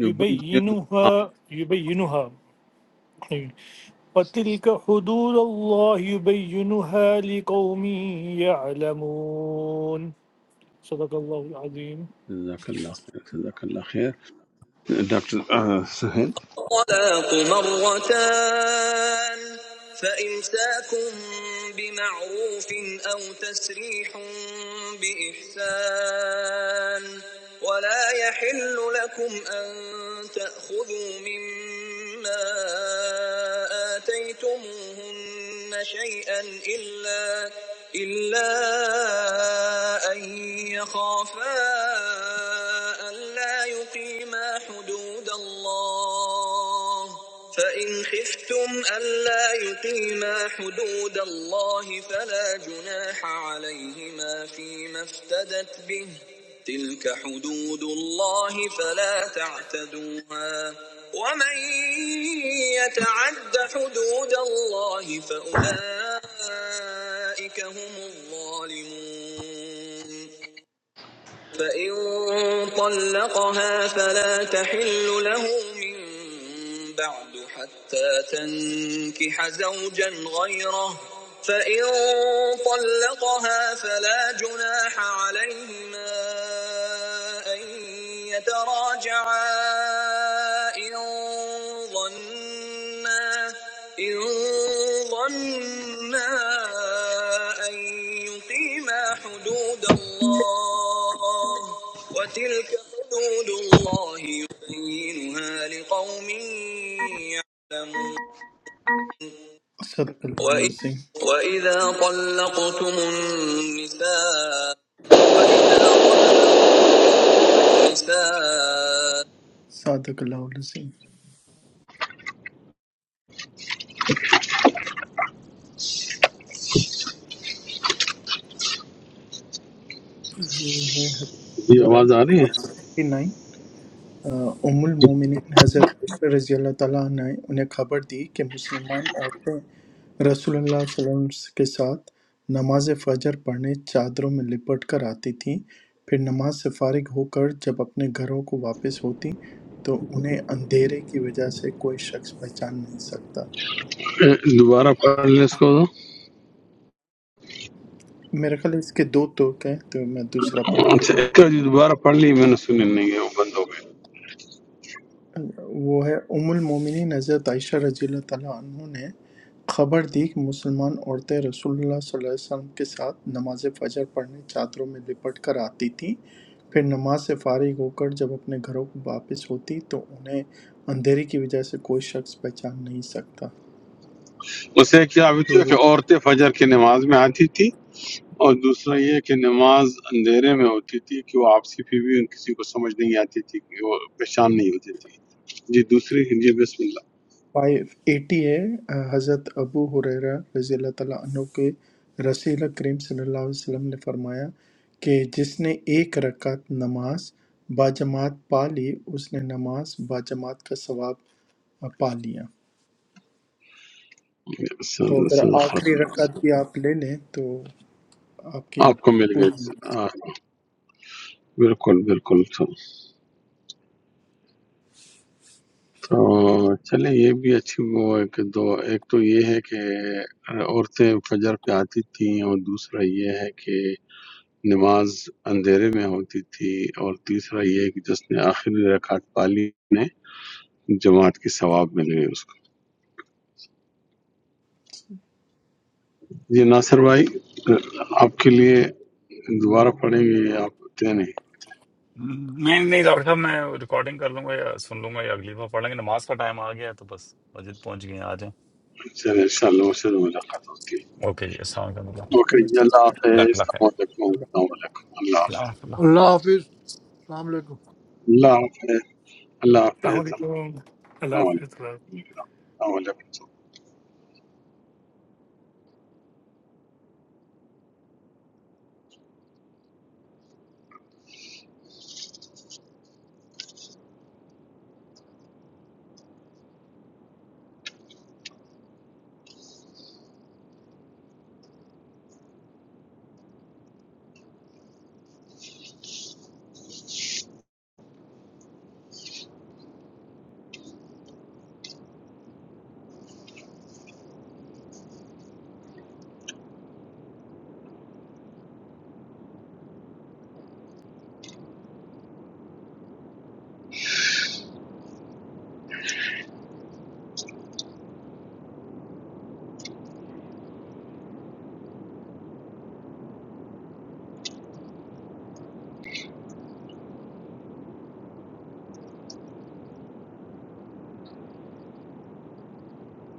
S2: جو بین
S9: يبينها
S2: ہاں،
S9: يبينها وتلك حدود الله يبينها لقوم يعلمون صدق الله العظيم
S2: جزاک اللہ خیر جزاک اللہ خیر ڈاکٹر آہ، سہیل
S8: الطلاق مرتان فإمساك بمعروف أو تسريح بإحسان ولا يحل لكم أن تأخذوا مما آتيتموهن شيئا إلا إلا أن يخافا ألا يقيما حدود الله الله فإن خفتم ألا يقيما حدود الله فلا جناح عليهما فيما افتدت به تلك حدود الله فلا تعتدوها ومن يتعد حدود الله فأولئك هم الظالمون فإن طلقها فلا تحل له من بعد حتى تنكح زوجا غيره فإن طلقها فلا جناح عليهما أن يتراجعا إن ظنا إن ظنا أن يقيما حدود الله وتلك حدود الله يبينها لقوم يعلمون صدق وإ- العظيم وإذا طلقتم النساء وإذا طلقتم النساء صادق الله العظيم ये है हदीस
S2: یہ
S8: नंबर है
S2: آواز آ رہی
S8: 39 ام
S2: ہے
S8: المومنین حضرت عائشہ رضی اللہ تعالیٰ عنہ نے انہیں خبر دی کہ مسلمان عورتیں رسول اللہ صلی اللہ علیہ وسلم کے ساتھ نماز فجر پڑھنے چادروں میں لپٹ کر آتی تھیں پھر نماز سے فارغ ہو کر جب اپنے گھروں کو واپس ہوتی تو انہیں اندھیرے کی وجہ سے کوئی شخص پہچان نہیں سکتا
S2: دوبارہ پڑھ لیں اس کو
S8: میرے خیال ہے اس کے دو توقع ہیں تو میں دوسرا پڑھ
S2: اچھا
S8: لیتا ہوں
S2: ایک کا جو دوبارہ پڑھ لی میں نے سنی نہیں ہے وہ بند ہو گئی
S8: وہ ہے ام المومنین حضرت عائشہ رضی اللہ تعالیٰ عنہ نے خبر دی کہ مسلمان عورتیں رسول اللہ صلی اللہ علیہ وسلم کے ساتھ نماز فجر پڑھنے چادروں میں لپٹ کر آتی تھیں پھر نماز سے فارغ ہو کر جب اپنے گھروں کو واپس ہوتی تو انہیں اندھیرے کی وجہ سے کوئی شخص پہچان نہیں سکتا
S2: اسے کیا ہوئی تھی
S8: پھر
S2: کہ عورتیں فجر کی نماز میں آتی تھی اور دوسرا یہ کہ نماز اندھیرے میں ہوتی تھی کہ وہ آپسی پھر بھی ان کسی کو سمجھ نہیں آتی تھی کہ وہ پہچان نہیں ہوتی تھی جی دوسری جی بسم
S8: 580 ہے حضرت ابو ہریرہ رضی اللہ تعالیٰ عنہ کے رسول کریم صلی اللہ علیہ وسلم نے فرمایا کہ جس نے ایک رکعت نماز باجماعت پا لی اس نے نماز باجماعت کا ثواب آ، پا لیا
S2: اللہ
S8: تو
S2: صد-
S8: اگر
S2: صدق
S8: آخری
S2: رسول اللہ۔
S8: رکعت بھی آپ لے لیں تو آپ کی
S2: آپ کو مل
S8: پوری
S2: گئی ہاں، بالکل بالکل تو تو چلیں یہ بھی اچھی وہ ہے کہ دو ایک تو یہ ہے کہ عورتیں فجر پہ آتی تھیں اور دوسرا یہ ہے کہ نماز اندھیرے میں ہوتی تھی اور تیسرا یہ کہ جس نے آخری رکعت پالی نے جماعت کی ثواب ملے اس کو جی ناصر بھائی آپ کے لیے دوبارہ پڑھیں گے یہ آپ ہوتے نہیں
S1: نہیں نہیں ڈاکٹر صاحب میں ریکارڈنگ کر لوں گا یا سن لوں گا یا اگلی بار پڑھ لیں گے نماز کا ٹائم آ گیا ہے تو بس مسجد پہنچ گئے ہیں آ جائیں
S2: چلے ان شاء اللہ مجھ ملاقات ہوتی ہے
S1: اوکے جی السلام علیکم اللہ
S2: اوکے
S8: چلو
S2: جی
S8: جی
S2: اللہ
S8: اللہ
S2: حافظ
S1: اللہ خیر
S2: السلام علیکم السلام علیکم اللہ
S1: السلام
S2: حافظ
S1: علیکم۔
S3: अल्लाह हाफिज अलैक्म
S2: اللہ حافظ اللہ حافظ
S9: السلام
S2: السلام
S9: عليكم الله
S2: علیکم
S9: حافظ
S2: السلام علیکم